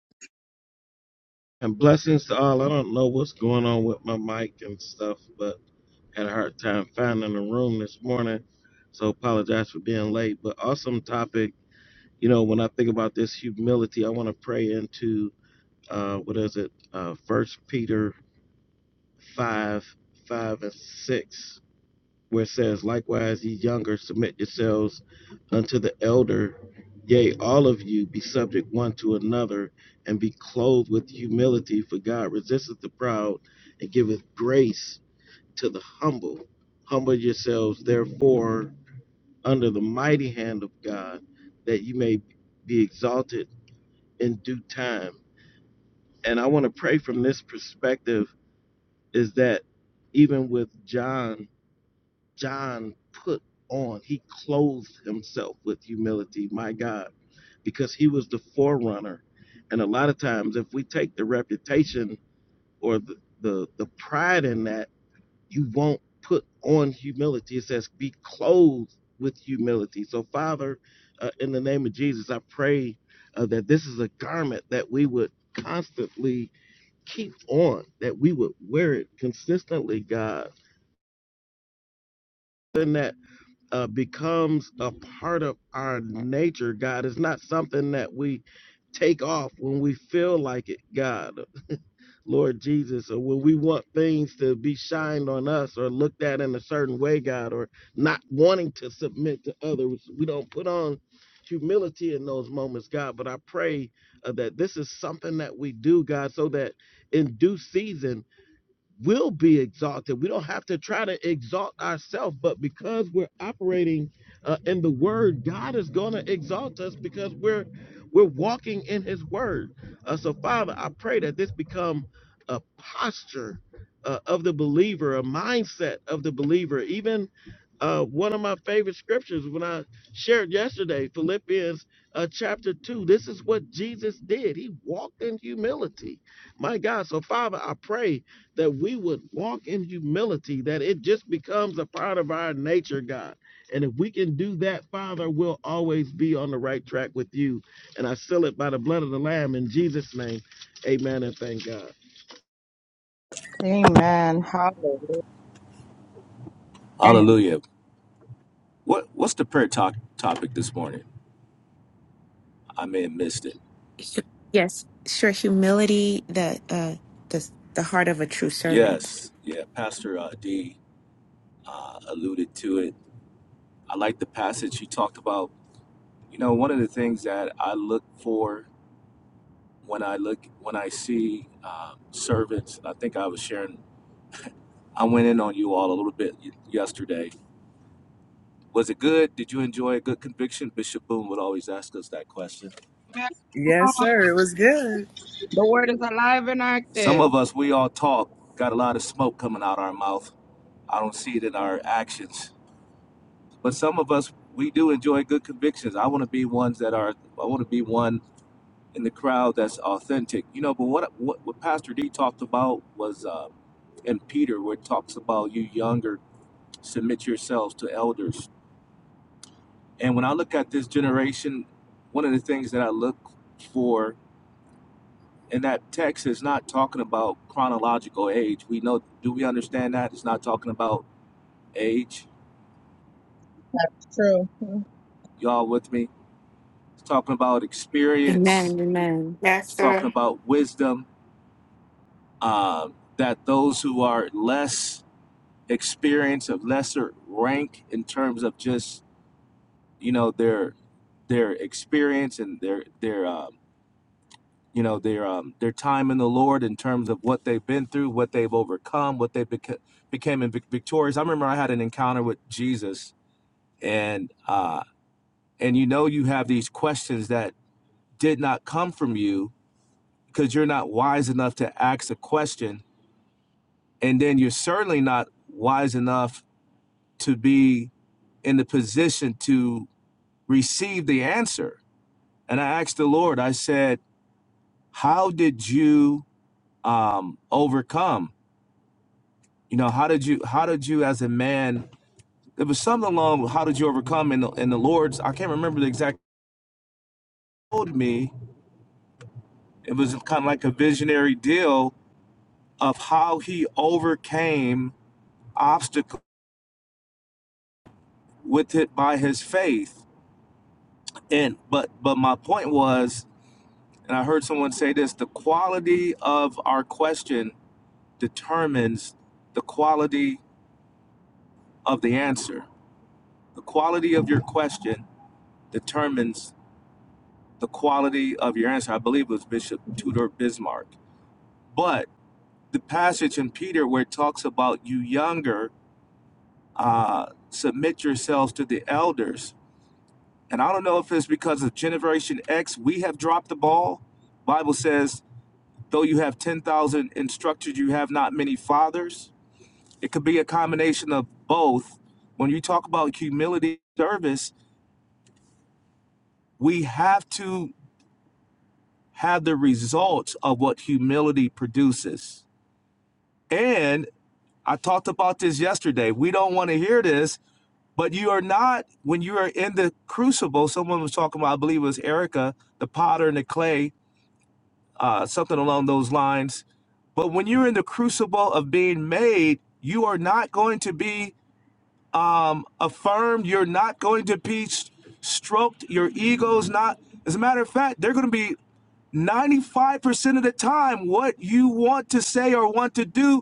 Speaker 8: And blessings to all. I don't know what's going on with my mic and stuff, but had a hard time finding a room this morning. So apologize for being late. But awesome topic. You know, when I think about this humility, I want to pray into uh what is it? Uh first Peter five, five and six where it says, Likewise, ye younger, submit yourselves unto the elder. Yea, all of you be subject one to another, and be clothed with humility, for God resisteth the proud and giveth grace to the humble. Humble yourselves, therefore, under the mighty hand of God, that you may be exalted in due time. And I want to pray from this perspective is that even with John John put on. He clothed himself with humility, my God, because he was the forerunner. And a lot of times, if we take the reputation or the, the, the pride in that, you won't put on humility. It says, be clothed with humility. So, Father, uh, in the name of Jesus, I pray uh, that this is a garment that we would constantly keep on, that we would wear it consistently, God and that. uh, becomes a part of our nature, God. It's not something that we take off when we feel like it, God, Lord Jesus, or when we want things to be shined on us or looked at in a certain way, God, or not wanting to submit to others. We don't put on humility in those moments, God, but I pray uh, that this is something that we do, God, so that in due season, will be exalted. We don't have to try to exalt ourselves, but because we're operating uh, in the Word, God is going to exalt us because we're we're walking in His Word. Uh, so, Father, I pray that this become a posture uh, of the believer, a mindset of the believer. Even uh, one of my favorite scriptures when I shared yesterday, Philippians uh, chapter two. This is what Jesus did. He walked in humility. My God. So, Father, I pray that we would walk in humility, that it just becomes a part of our nature, God. And if we can do that, Father, we'll always be on the right track with you. And I seal it by the blood of the Lamb in Jesus' name. Amen and thank God.
Speaker 6: Amen. Hallelujah.
Speaker 9: Hallelujah. What what's the prayer talk topic this morning? I may have missed it.
Speaker 1: Yes, sure. Humility, the uh, the the heart of a true servant.
Speaker 9: Yes, yeah. Pastor uh, D uh, alluded to it. I like the passage he talked about. You know, one of the things that I look for when I look when I see um, servants. I think I was sharing. I went in on you all a little bit y- yesterday. Was it good? Did you enjoy a good conviction? Bishop Boone would always ask us that question.
Speaker 6: Amen.
Speaker 3: Yes, sir. It was good.
Speaker 6: The word is alive and
Speaker 9: Some
Speaker 6: active.
Speaker 9: of
Speaker 6: It's
Speaker 9: us, we all talk, got a lot of smoke coming out our mouth. I don't see it in our actions but some of us we do enjoy good convictions i want to be ones that are i want to be one in the crowd that's authentic you know but what what, what pastor d talked about was uh in peter where it talks about you younger submit yourselves to elders and when i look at this generation one of the things that i look for in that text is not talking about chronological age we know do we understand that it's not talking about age
Speaker 6: True.
Speaker 9: y'all with me it's talking about experience
Speaker 1: Amen. Amen.
Speaker 7: Yes,
Speaker 9: it's talking
Speaker 7: sir.
Speaker 9: about wisdom um, that those who are less experienced of lesser rank in terms of just you know their their experience and their their um, you know their um, their time in the Lord in terms of what they've been through, what they've overcome, what they beca- became in vic- victorious. I remember I had an encounter with Jesus, and uh, and you know you have these questions that did not come from you because you're not wise enough to ask a question, and then you're certainly not wise enough to be in the position to receive the answer. And I asked the Lord, I said, How did you um, overcome? You know, how did you, how did you as a man, it was something along, with how did you overcome? And the, and the Lord's, I can't remember the exact, told me, it was kind of like a visionary deal of how he overcame obstacle with it by his faith. And, but, but my point was, And I heard someone say this the quality of our question determines the quality of the answer. The quality of your question determines the quality of your answer. I believe it was Bishop Tudor Bismarck. But the passage in Peter where it talks about you younger, uh, submit yourselves to the elders. And I don't know if it's because of Generation X, we have dropped the ball. Bible says, though you have 10,000 instructors, you have not many fathers It could be a combination of both. When you talk about humility service, we have to have the results of what humility produces. And I talked about this yesterday. We don't want to hear this, but you are not, when you are in the crucible, someone was talking about, I believe it was Erica, the potter and the clay, uh, something along those lines. But when you're in the crucible of being made, you are not going to be um, affirmed. You're not going to be stroked. Your ego's not. As a matter of fact, they're going to be 95% of the time what you want to say or want to do.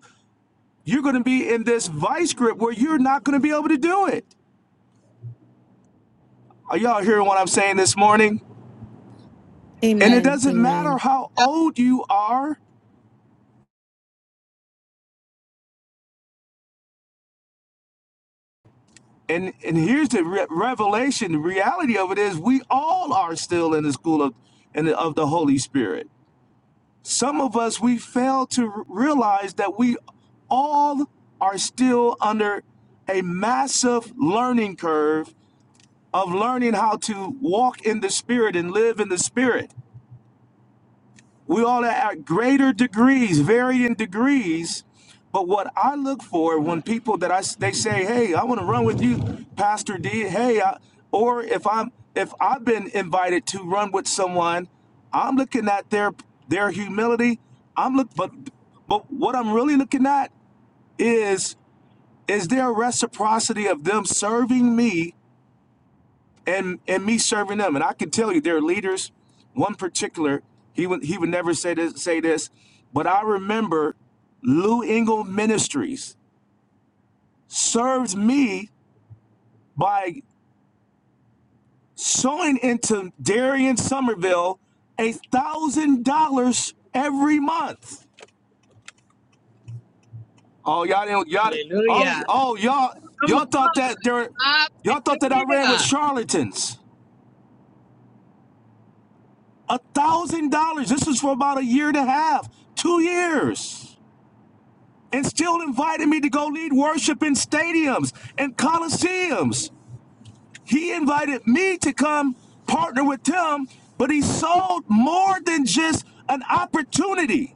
Speaker 9: You're going to be in this vice grip where you're not going to be able to do it. Are y'all hearing what I'm saying this morning? And it
Speaker 1: Amen.
Speaker 9: doesn't
Speaker 6: Yes.
Speaker 9: matter
Speaker 1: Amen.
Speaker 9: how old you are. And and here's the re- revelation. The reality of it is, we all are still in the school of and of the Holy Spirit. Some of us, we fail to realize that we all are still under a massive learning curve of learning how to walk in the Spirit and live in the Spirit. We all are at greater degrees, varied in degrees. But what I look for when people that I they say, "Hey, I want to run with you, Pastor D." Hey, I, or if I'm if I've been invited to run with someone, I'm looking at their their humility. I'm look, but but what I'm really looking at is is there a reciprocity of them serving me and and me serving them. And I can tell you, their leaders, one particular, he would he would never say this say this, but I remember Lou Engle Ministries served me by sowing into Darien Somerville a thousand dollars every month. Oh y'all didn't y'all oh
Speaker 6: Hallelujah.
Speaker 9: oh y'all
Speaker 6: Come
Speaker 9: y'all
Speaker 6: on.
Speaker 9: thought that there y'all thought that I ran with
Speaker 6: Hallelujah.
Speaker 9: charlatans. A thousand dollars. This was for about a year and a half, two years. and still invited me to go lead worship in stadiums and coliseums. He invited me to come partner with him, but he sold more than just an opportunity.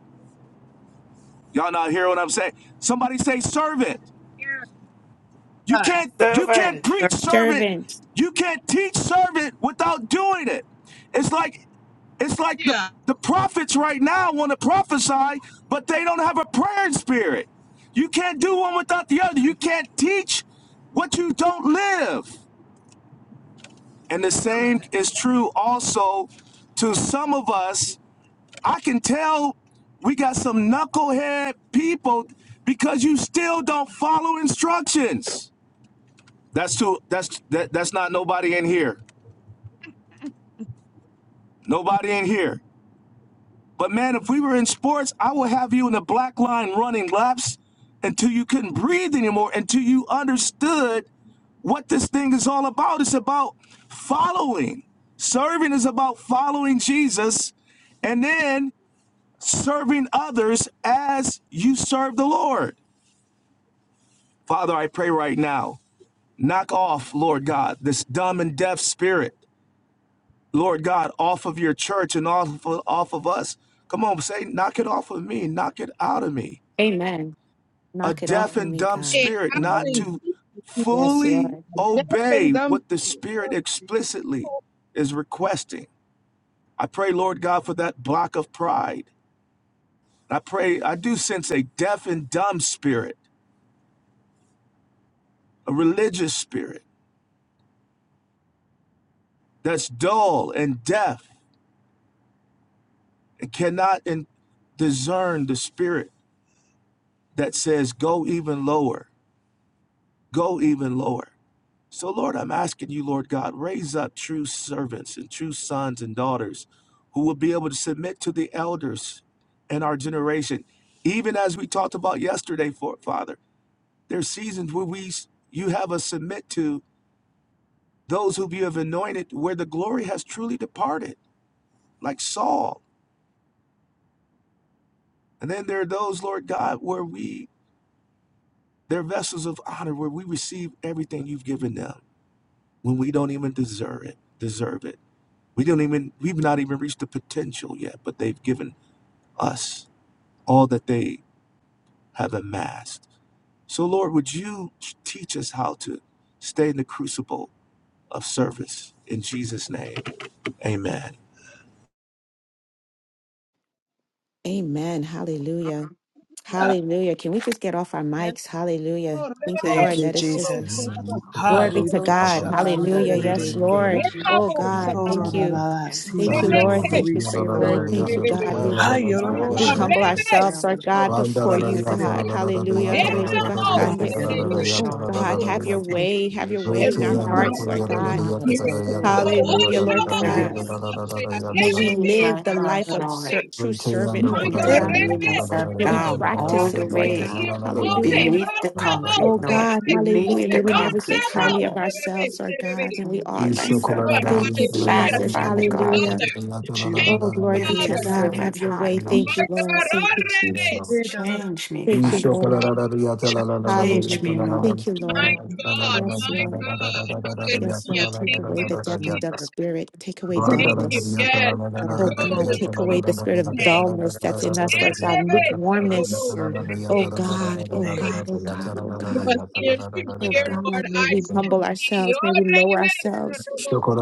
Speaker 9: Y'all not hear what I'm saying? Somebody say servant. You can't you can't
Speaker 7: Servant.
Speaker 3: Sir,
Speaker 9: preach servant,
Speaker 1: Servant.
Speaker 9: you can't teach servant without doing it. It's like it's like the
Speaker 6: Yeah.
Speaker 9: the prophets right now want to prophesy, but they don't have a prayer spirit. You can't do one without the other. You can't teach what you don't live. And the same is true also to some of us. I can tell we got some knucklehead people because you still don't follow instructions. That's too. That's that, that's not nobody in here. Nobody in here. But man, if we were in sports, I would have you in the black line running laps until you couldn't breathe anymore, until you understood what this thing is all about. It's about following. Serving is about following Jesus and then serving others as you serve the Lord. Father, I pray right now, knock off, Lord God, this dumb and deaf spirit. Lord God, off of your church and off of, off of us. Come on, say, knock it off of me, knock it out of me.
Speaker 1: Amen.
Speaker 9: A
Speaker 1: Knock it
Speaker 9: deaf
Speaker 1: off of
Speaker 9: and
Speaker 1: me,
Speaker 9: dumb
Speaker 1: God.
Speaker 6: Get
Speaker 9: spirit,
Speaker 6: out
Speaker 9: not
Speaker 6: in
Speaker 1: Amen.
Speaker 9: to
Speaker 6: Jesus'
Speaker 1: Yes,
Speaker 6: name.
Speaker 9: fully
Speaker 1: Lord.
Speaker 9: obey
Speaker 6: Deafen them.
Speaker 9: what the spirit explicitly is requesting. I pray, Lord God, for that block of pride. I pray, I do sense a deaf and dumb spirit, a religious spirit that's dull and deaf and cannot in- discern the spirit that says, go even lower go even lower. So, Lord, I'm asking you, Lord God, raise up true servants and true sons and daughters who will be able to submit to the elders in our generation. Even as we talked about yesterday, for, Father, there's seasons where we you have us submit to those who you have anointed where the glory has truly departed, like Saul. And then there are those, Lord God, where we they're vessels of honor, where we receive everything you've given them when we don't even deserve it, deserve it. We don't even we've not even reached the potential yet, but they've given us all that they have amassed. So Lord, would you teach us how to stay in the crucible of service in Jesus' name. Amen.
Speaker 1: Amen. Hallelujah. Hallelujah. Can we just get off our
Speaker 6: Let's
Speaker 1: mics? Hallelujah.
Speaker 6: go.
Speaker 1: Thank you, Lord.
Speaker 3: Thank you,
Speaker 1: Let us just
Speaker 3: Jesus.
Speaker 1: glory be to
Speaker 3: Harido
Speaker 1: God.
Speaker 3: shabanda
Speaker 1: Hallelujah.
Speaker 4: Thank
Speaker 1: Yes,
Speaker 3: dededeke.
Speaker 1: Lord. Oh
Speaker 6: Let's
Speaker 1: God. Thank you.
Speaker 3: Ororara.
Speaker 7: Yes,
Speaker 3: See,
Speaker 1: Thank you,
Speaker 3: we
Speaker 4: you,
Speaker 1: Lord.
Speaker 7: Jesus.
Speaker 3: do
Speaker 4: Lord.
Speaker 1: Thank you for
Speaker 3: receive
Speaker 1: your
Speaker 3: the
Speaker 1: word.
Speaker 3: word,
Speaker 1: Thank you,
Speaker 3: Lord.
Speaker 1: God. We
Speaker 7: Help me
Speaker 8: Hallelujah.
Speaker 7: to have
Speaker 8: Rabba,
Speaker 7: the
Speaker 1: We
Speaker 8: ba,
Speaker 7: heart
Speaker 1: humble
Speaker 7: of a
Speaker 1: ourselves, our
Speaker 7: servant,
Speaker 1: God,
Speaker 7: Lord
Speaker 1: before you,
Speaker 7: Jesus.
Speaker 1: God.
Speaker 7: Help me
Speaker 1: Hallelujah.
Speaker 7: to have the heart of a
Speaker 1: Redebakande.
Speaker 7: servant,
Speaker 3: Hayarorosha.
Speaker 1: Oh,
Speaker 7: Lord
Speaker 1: God,
Speaker 6: go.
Speaker 1: have your
Speaker 7: Jesus.
Speaker 3: Thank you.
Speaker 1: way. Have your
Speaker 8: Yes,
Speaker 1: way in our
Speaker 6: Every
Speaker 7: Help me
Speaker 1: hearts,
Speaker 7: to
Speaker 6: problem
Speaker 1: Lord
Speaker 7: have
Speaker 3: We
Speaker 6: is
Speaker 7: the
Speaker 1: God.
Speaker 3: humble
Speaker 7: heart of a
Speaker 3: ourselves.
Speaker 6: miracle. Oh,
Speaker 7: servant, Lord
Speaker 6: what
Speaker 1: Hallelujah, Lord
Speaker 6: about
Speaker 3: Have your
Speaker 1: God.
Speaker 6: us?
Speaker 7: Jesus.
Speaker 1: May we
Speaker 7: Change
Speaker 1: live
Speaker 7: my
Speaker 1: the
Speaker 7: heart,
Speaker 1: life
Speaker 3: way.
Speaker 1: of
Speaker 7: Lord.
Speaker 1: ser- true
Speaker 6: My
Speaker 7: Help
Speaker 1: servanthood,
Speaker 7: me
Speaker 1: Lord
Speaker 7: to
Speaker 3: Hey,
Speaker 6: God,
Speaker 1: God.
Speaker 7: lay
Speaker 6: Rebbe,
Speaker 7: myself
Speaker 1: May we
Speaker 3: my
Speaker 7: down all
Speaker 1: practice
Speaker 7: the
Speaker 1: it, Lord
Speaker 7: way
Speaker 1: God.
Speaker 6: ears open,
Speaker 1: Hallelujah.
Speaker 7: beneath
Speaker 6: all
Speaker 7: the
Speaker 3: Lord,
Speaker 6: troubles,
Speaker 7: concrete,
Speaker 1: Oh,
Speaker 7: Lord.
Speaker 1: God.
Speaker 6: eyes
Speaker 7: Beneath
Speaker 1: Hallelujah. May
Speaker 7: the
Speaker 6: open,
Speaker 1: we
Speaker 6: all
Speaker 1: never
Speaker 7: concrete,
Speaker 1: think
Speaker 4: Yanda
Speaker 1: highly
Speaker 6: troubles,
Speaker 7: Father.
Speaker 1: of ourselves, Lord God, and we
Speaker 4: Ishokala
Speaker 7: Lay
Speaker 1: ought.
Speaker 6: my
Speaker 7: myself
Speaker 6: God,
Speaker 7: down
Speaker 1: Thank you,
Speaker 6: hallelujah,
Speaker 7: flat,
Speaker 1: Jesus.
Speaker 6: thank
Speaker 7: Father
Speaker 6: you,
Speaker 7: God.
Speaker 1: Hallelujah.
Speaker 3: here,
Speaker 6: Father,
Speaker 3: Jew.
Speaker 6: thank
Speaker 1: Oh,
Speaker 6: you,
Speaker 1: glory
Speaker 7: Give
Speaker 1: be
Speaker 7: me
Speaker 1: to
Speaker 7: a
Speaker 6: Father,
Speaker 1: God. Have
Speaker 7: servant's
Speaker 1: your way.
Speaker 7: heart, Lord
Speaker 1: Thank
Speaker 6: my
Speaker 1: you, Lord.
Speaker 6: God,
Speaker 7: Jesus.
Speaker 1: Thank
Speaker 6: oh,
Speaker 1: you,
Speaker 6: Rebbe,
Speaker 1: Jesus.
Speaker 3: Hey, da, da, da,
Speaker 7: Change me,
Speaker 1: Thank you,
Speaker 7: Father God.
Speaker 1: Lord.
Speaker 6: hallelujah.
Speaker 3: shout
Speaker 7: Change me,
Speaker 1: Hallelujah.
Speaker 7: Lord.
Speaker 1: Thank you,
Speaker 6: My
Speaker 3: for
Speaker 1: Lord.
Speaker 6: God,
Speaker 1: Yes,
Speaker 6: my
Speaker 1: Lord.
Speaker 6: God,
Speaker 3: truth,
Speaker 1: Yes,
Speaker 6: hallelujah.
Speaker 1: Lord. Take
Speaker 6: Thank
Speaker 1: away
Speaker 6: you,
Speaker 1: the deaf
Speaker 3: Lord,
Speaker 1: and
Speaker 6: Jesus.
Speaker 1: dumb
Speaker 3: that
Speaker 1: spirit. Take away
Speaker 6: Thank you.
Speaker 1: dullness.
Speaker 6: Yes. Go
Speaker 3: let our
Speaker 1: Oh, God.
Speaker 6: in
Speaker 3: actions
Speaker 1: Take away
Speaker 6: Jesus'
Speaker 1: the spirit of
Speaker 6: name.
Speaker 1: dullness that's in us, Lord God. Lukewarmness.
Speaker 3: servant.
Speaker 1: Oh, God. Oh,
Speaker 3: Thank you.
Speaker 1: God. Oh, God. Oh,
Speaker 6: Give us
Speaker 1: God.
Speaker 6: ears to
Speaker 1: Oh,
Speaker 6: hear, Lord,
Speaker 1: God. May
Speaker 3: Jesus,
Speaker 1: we
Speaker 6: eyes to
Speaker 1: humble
Speaker 6: see.
Speaker 1: ourselves. May
Speaker 6: Oh,
Speaker 1: we lower
Speaker 6: Rebe, a
Speaker 1: ourselves.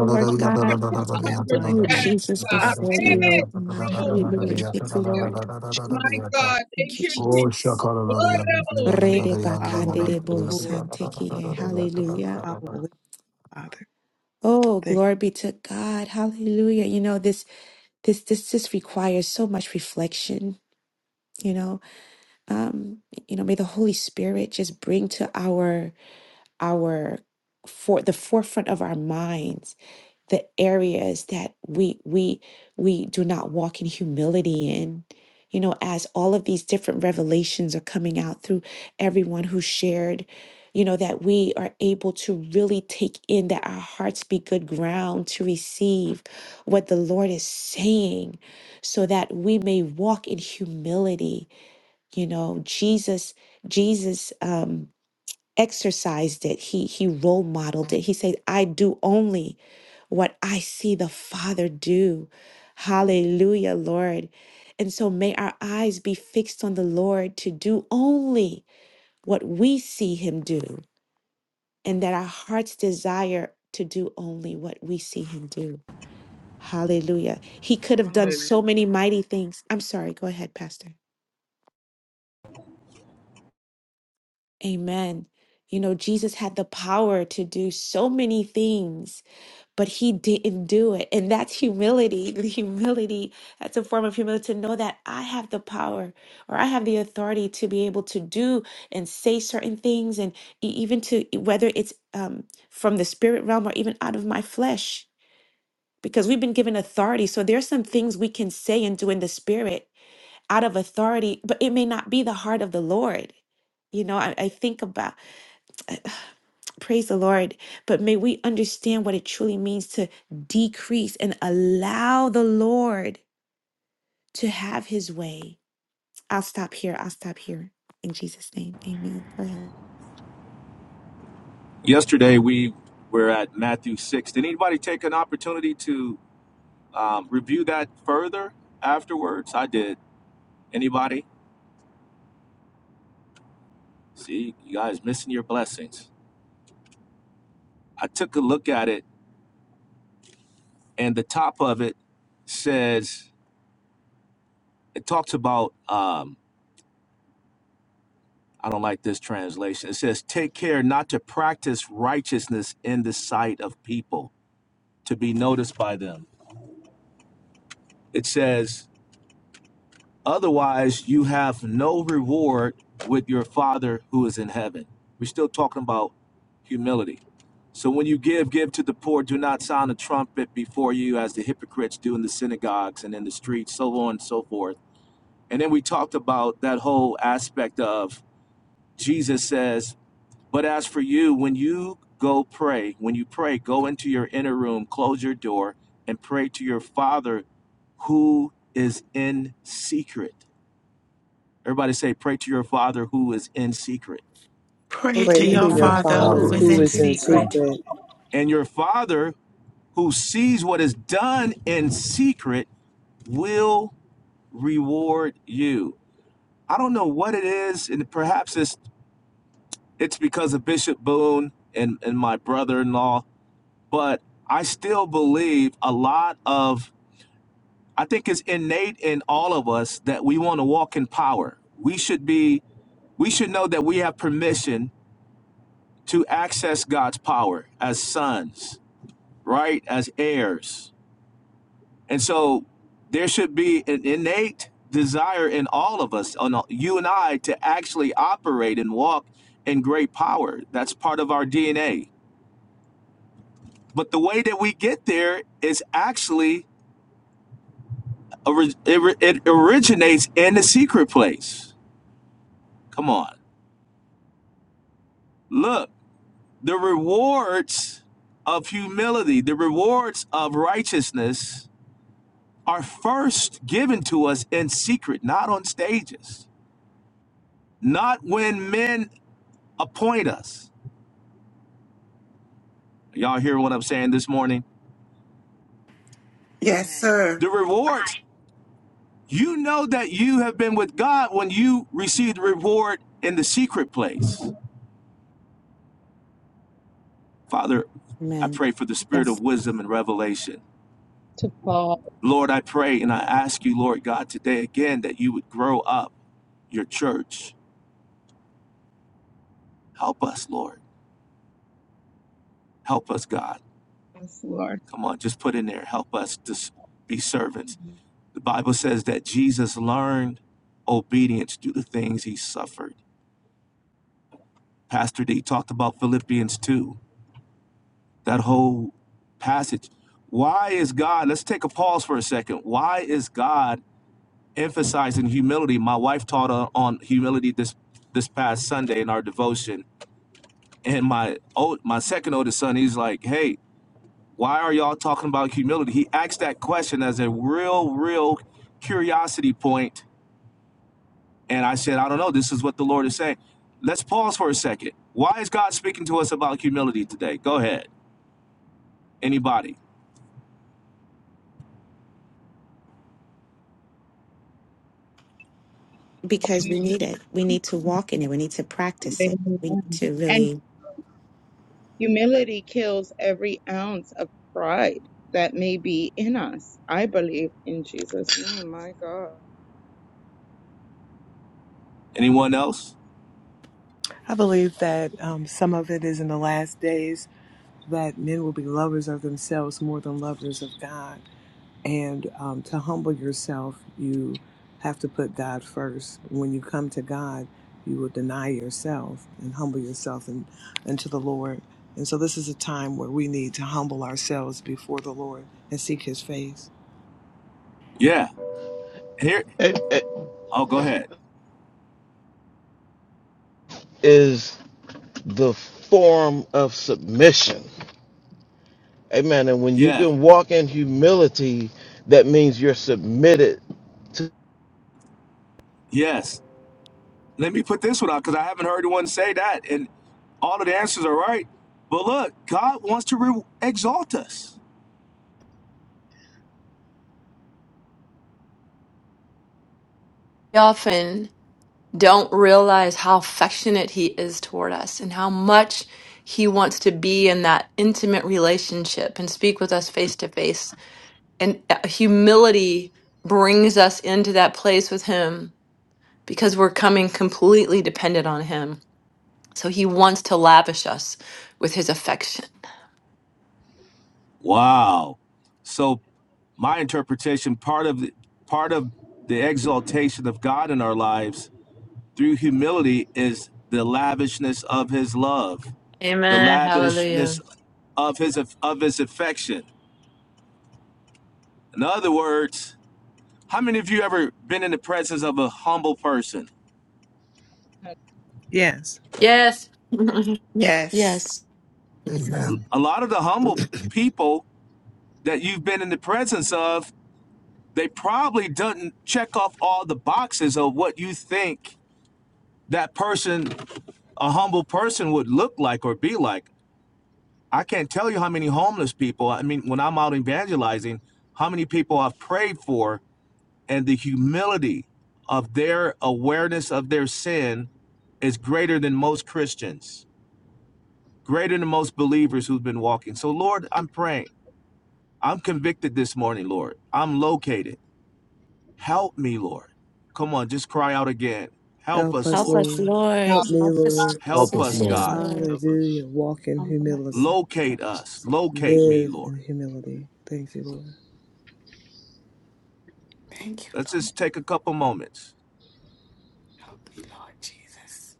Speaker 1: Oh, Lord
Speaker 6: heart
Speaker 1: God.
Speaker 6: to
Speaker 3: Let that mind
Speaker 1: Oh,
Speaker 3: be in
Speaker 6: understand,
Speaker 1: Jesus,
Speaker 3: us,
Speaker 6: God.
Speaker 1: before you,
Speaker 6: Rebe,
Speaker 1: oh, God.
Speaker 3: which
Speaker 1: Hallelujah. Thank you, Lord.
Speaker 3: was
Speaker 6: My God,
Speaker 1: Thank
Speaker 6: thank
Speaker 1: you,
Speaker 6: you, Jesus.
Speaker 1: Jesus.
Speaker 6: Oh,
Speaker 3: Jesus.
Speaker 1: Re
Speaker 6: Rebe.
Speaker 1: de ba
Speaker 3: Follow
Speaker 1: ka
Speaker 3: the
Speaker 1: de
Speaker 3: lead,
Speaker 1: de bo
Speaker 3: Lord.
Speaker 1: san te ki e. Hallelujah.
Speaker 3: Follow the lead, Father.
Speaker 1: Oh,
Speaker 3: Thank
Speaker 1: glory be to God. Hallelujah. You know, this this this just requires so much reflection, you know. Um, you know, may the Holy Spirit just bring to our our for the forefront of our minds the areas that we we we do not walk in humility in you know as all of these different revelations are coming out through everyone who shared you know that we are able to really take in that our hearts be good ground to receive what the lord is saying so that we may walk in humility you know jesus jesus um exercised it. He he role modeled it. He said, "I do only what I see the Father do." Hallelujah, Lord. And so may our eyes be fixed on the Lord to do only what we see him do, and that our hearts desire to do only what we see him do. Hallelujah. He could have done
Speaker 6: Hallelujah.
Speaker 1: so many mighty things. I'm sorry, go ahead, Pastor. Amen. You know, Jesus had the power to do so many things, but he didn't do it. And that's humility. The humility, that's a form of humility to know that I have the power or I have the authority to be able to do and say certain things, and e- even to e, whether it's um, from the spirit realm or even out of my flesh, because we've been given authority. So there are some things we can say and do in the spirit out of authority, but it may not be the heart of the Lord. You know, I, I think about. Praise the Lord. But may we understand what it truly means to decrease and allow the Lord to have his way. I'll stop here. I'll stop here. In Jesus' name, amen. Go ahead.
Speaker 9: Yesterday we were at Matthew six. Did anybody take an opportunity to um, review that further afterwards? I did. Anybody? See, you guys missing your blessings. I took a look at it, and the top of it says it talks about um i don't like this translation it says take care not to practice righteousness in the sight of people to be noticed by them it says otherwise you have no reward with your father who is in heaven we're still talking about humility so when you give give to the poor do not sound a trumpet before you as the hypocrites do in the synagogues and in the streets so on and so forth and then we talked about that whole aspect of jesus says But as for you, when you go pray, when you pray, go into your inner room, close your door, and pray to your Father who is in secret. Everybody say, pray to your Father who is in secret.
Speaker 7: Pray
Speaker 3: Pray
Speaker 7: to
Speaker 3: to
Speaker 7: your
Speaker 3: your
Speaker 6: Father,
Speaker 7: Father who
Speaker 3: Father
Speaker 7: is
Speaker 3: who
Speaker 7: in
Speaker 3: is in
Speaker 7: secret.
Speaker 3: secret.
Speaker 9: And your Father who sees what is done in secret will reward you. I don't know what it is, and perhaps it's it's because of Bishop Boone and, and my brother-in-law, but I still believe a lot of I think it's innate in all of us that we want to walk in power. We should be we should know that we have permission to access God's power as sons, right? As heirs. And so there should be an innate desire in all of us, on you and I, to actually operate and walk in great power. That's part of our DNA. But the way that we get there is actually, it it originates in the secret place. Come on. Look. The rewards of humility, the rewards of righteousness are first given to us in secret, not on stages, not when men appoint us. Y'all hear what I'm saying this morning?
Speaker 7: Yes, sir.
Speaker 9: The rewards, you know that you have been with God when you receive the reward in the secret place. Father, I
Speaker 1: Amen.
Speaker 9: pray for the spirit of
Speaker 1: Yes,
Speaker 9: wisdom and revelation. Lord, I pray and I ask you, Lord God, today again that you would grow up your church Help us, Lord. Help us, God. Come on, just put in there. Help us to be servants. The Bible says that Jesus learned obedience through the things he suffered. Pastor D talked about Philippians 2, that whole passage. Why is God, let's take a pause for a second. Why is God emphasizing humility? My wife taught on, on humility this this past Sunday in our devotion. And my old, my second oldest son, he's like, hey, Why are y'all talking about humility? He asked that question as a real, real curiosity point, And I said, I don't know. This is what the Lord is saying. Let's pause for a second. Why is God speaking to us about humility today? Go ahead. Anybody?
Speaker 1: because we need it. We need to walk in it. We need to practice it. We
Speaker 6: amen.
Speaker 1: need to
Speaker 6: And
Speaker 1: really.
Speaker 6: humility. ounce of pride that may be in us. I believe in Jesus' name, my God.
Speaker 9: Anyone else?
Speaker 3: I believe that um, some of it is in the last days that men will be lovers of themselves more than lovers of God. And um, to humble yourself, you have to put God first. When you come to God, you will deny yourself and humble yourself and unto the Lord. And so this is a time where we need to humble ourselves before the Lord and seek His face.
Speaker 9: Yeah. Here.
Speaker 8: it, it
Speaker 9: Oh, go ahead.
Speaker 8: is the form of submission. Amen. And when you
Speaker 9: Yeah.
Speaker 8: can walk in humility, that means you're submitted
Speaker 9: Yes. Let me put this one out because I haven't heard one say that. And all of the answers are right. But look, God wants to re- exalt us.
Speaker 5: We often don't realize how affectionate he is toward us and how much he wants to be in that intimate relationship and speak with us face to face. And uh, humility brings us into that place with him because we're coming completely dependent on him. So he wants to lavish us with his affection.
Speaker 9: Wow. So my interpretation part of the, part of the exaltation of God in our lives through humility is the lavishness of his love, the lavishness of his of his affection. In other words, how many of you ever been in the presence of a humble person?
Speaker 3: Yes,
Speaker 5: Yes.
Speaker 7: Yes.
Speaker 1: Yes.
Speaker 4: Amen.
Speaker 9: A lot of the humble people that you've been in the presence of, they probably doesn't check off all the boxes of what you think that person a humble person would look like or be like. I can't tell you how many homeless people, I mean, when I'm out evangelizing, how many people I've prayed for and the humility of their awareness of their sin is greater than most Christians, greater than most believers who've been walking. So, Lord, I'm praying. I'm convicted this morning, Lord. I'm located. Help me, Lord. Come on, just cry out again. Help
Speaker 3: help
Speaker 9: us,
Speaker 1: Help
Speaker 3: us,
Speaker 9: Lord.
Speaker 1: us,
Speaker 3: Lord.
Speaker 1: Lord.
Speaker 3: Help me,
Speaker 1: Help us,
Speaker 3: Lord.
Speaker 4: Help
Speaker 9: Help
Speaker 4: us,
Speaker 9: us,
Speaker 1: Jesus. Yes,
Speaker 4: Lord.
Speaker 9: God.
Speaker 1: Lord.
Speaker 8: to.
Speaker 3: Hallelujah. Walk in humility.
Speaker 9: Locate us. Locate me,
Speaker 3: Live
Speaker 9: Lord.
Speaker 3: in humility. Thank you, Lord.
Speaker 7: Thank you,
Speaker 9: Let's
Speaker 7: Lord.
Speaker 9: just take a couple moments.
Speaker 7: Help me, Lord Jesus.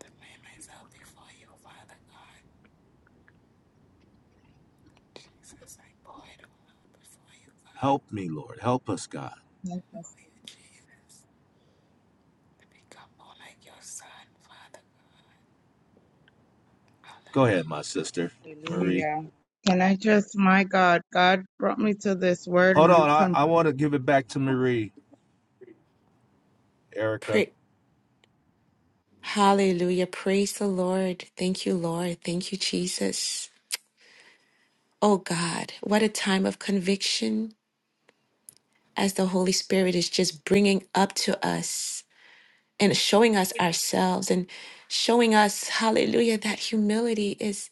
Speaker 7: To lay myself before you, Father God. Jesus, I pour it all out before you, God.
Speaker 9: Help me, Lord. Help us, God.
Speaker 7: Hallelujah, Jesus. To become more like your son, Father.
Speaker 9: Go
Speaker 7: Hallelujah.
Speaker 9: ahead, my sister, Marie.
Speaker 6: Can I just, my God, God brought me to this word
Speaker 9: Hold
Speaker 6: and you
Speaker 9: on. I,
Speaker 6: can,
Speaker 9: I want to give it back to Marie, Erica.
Speaker 1: Pray. Hallelujah. Praise the Lord. Thank you, Lord. Thank you, Jesus. Oh, God. What a time of conviction. as the Holy Spirit is just bringing up to us and showing us ourselves and showing us hallelujah that humility is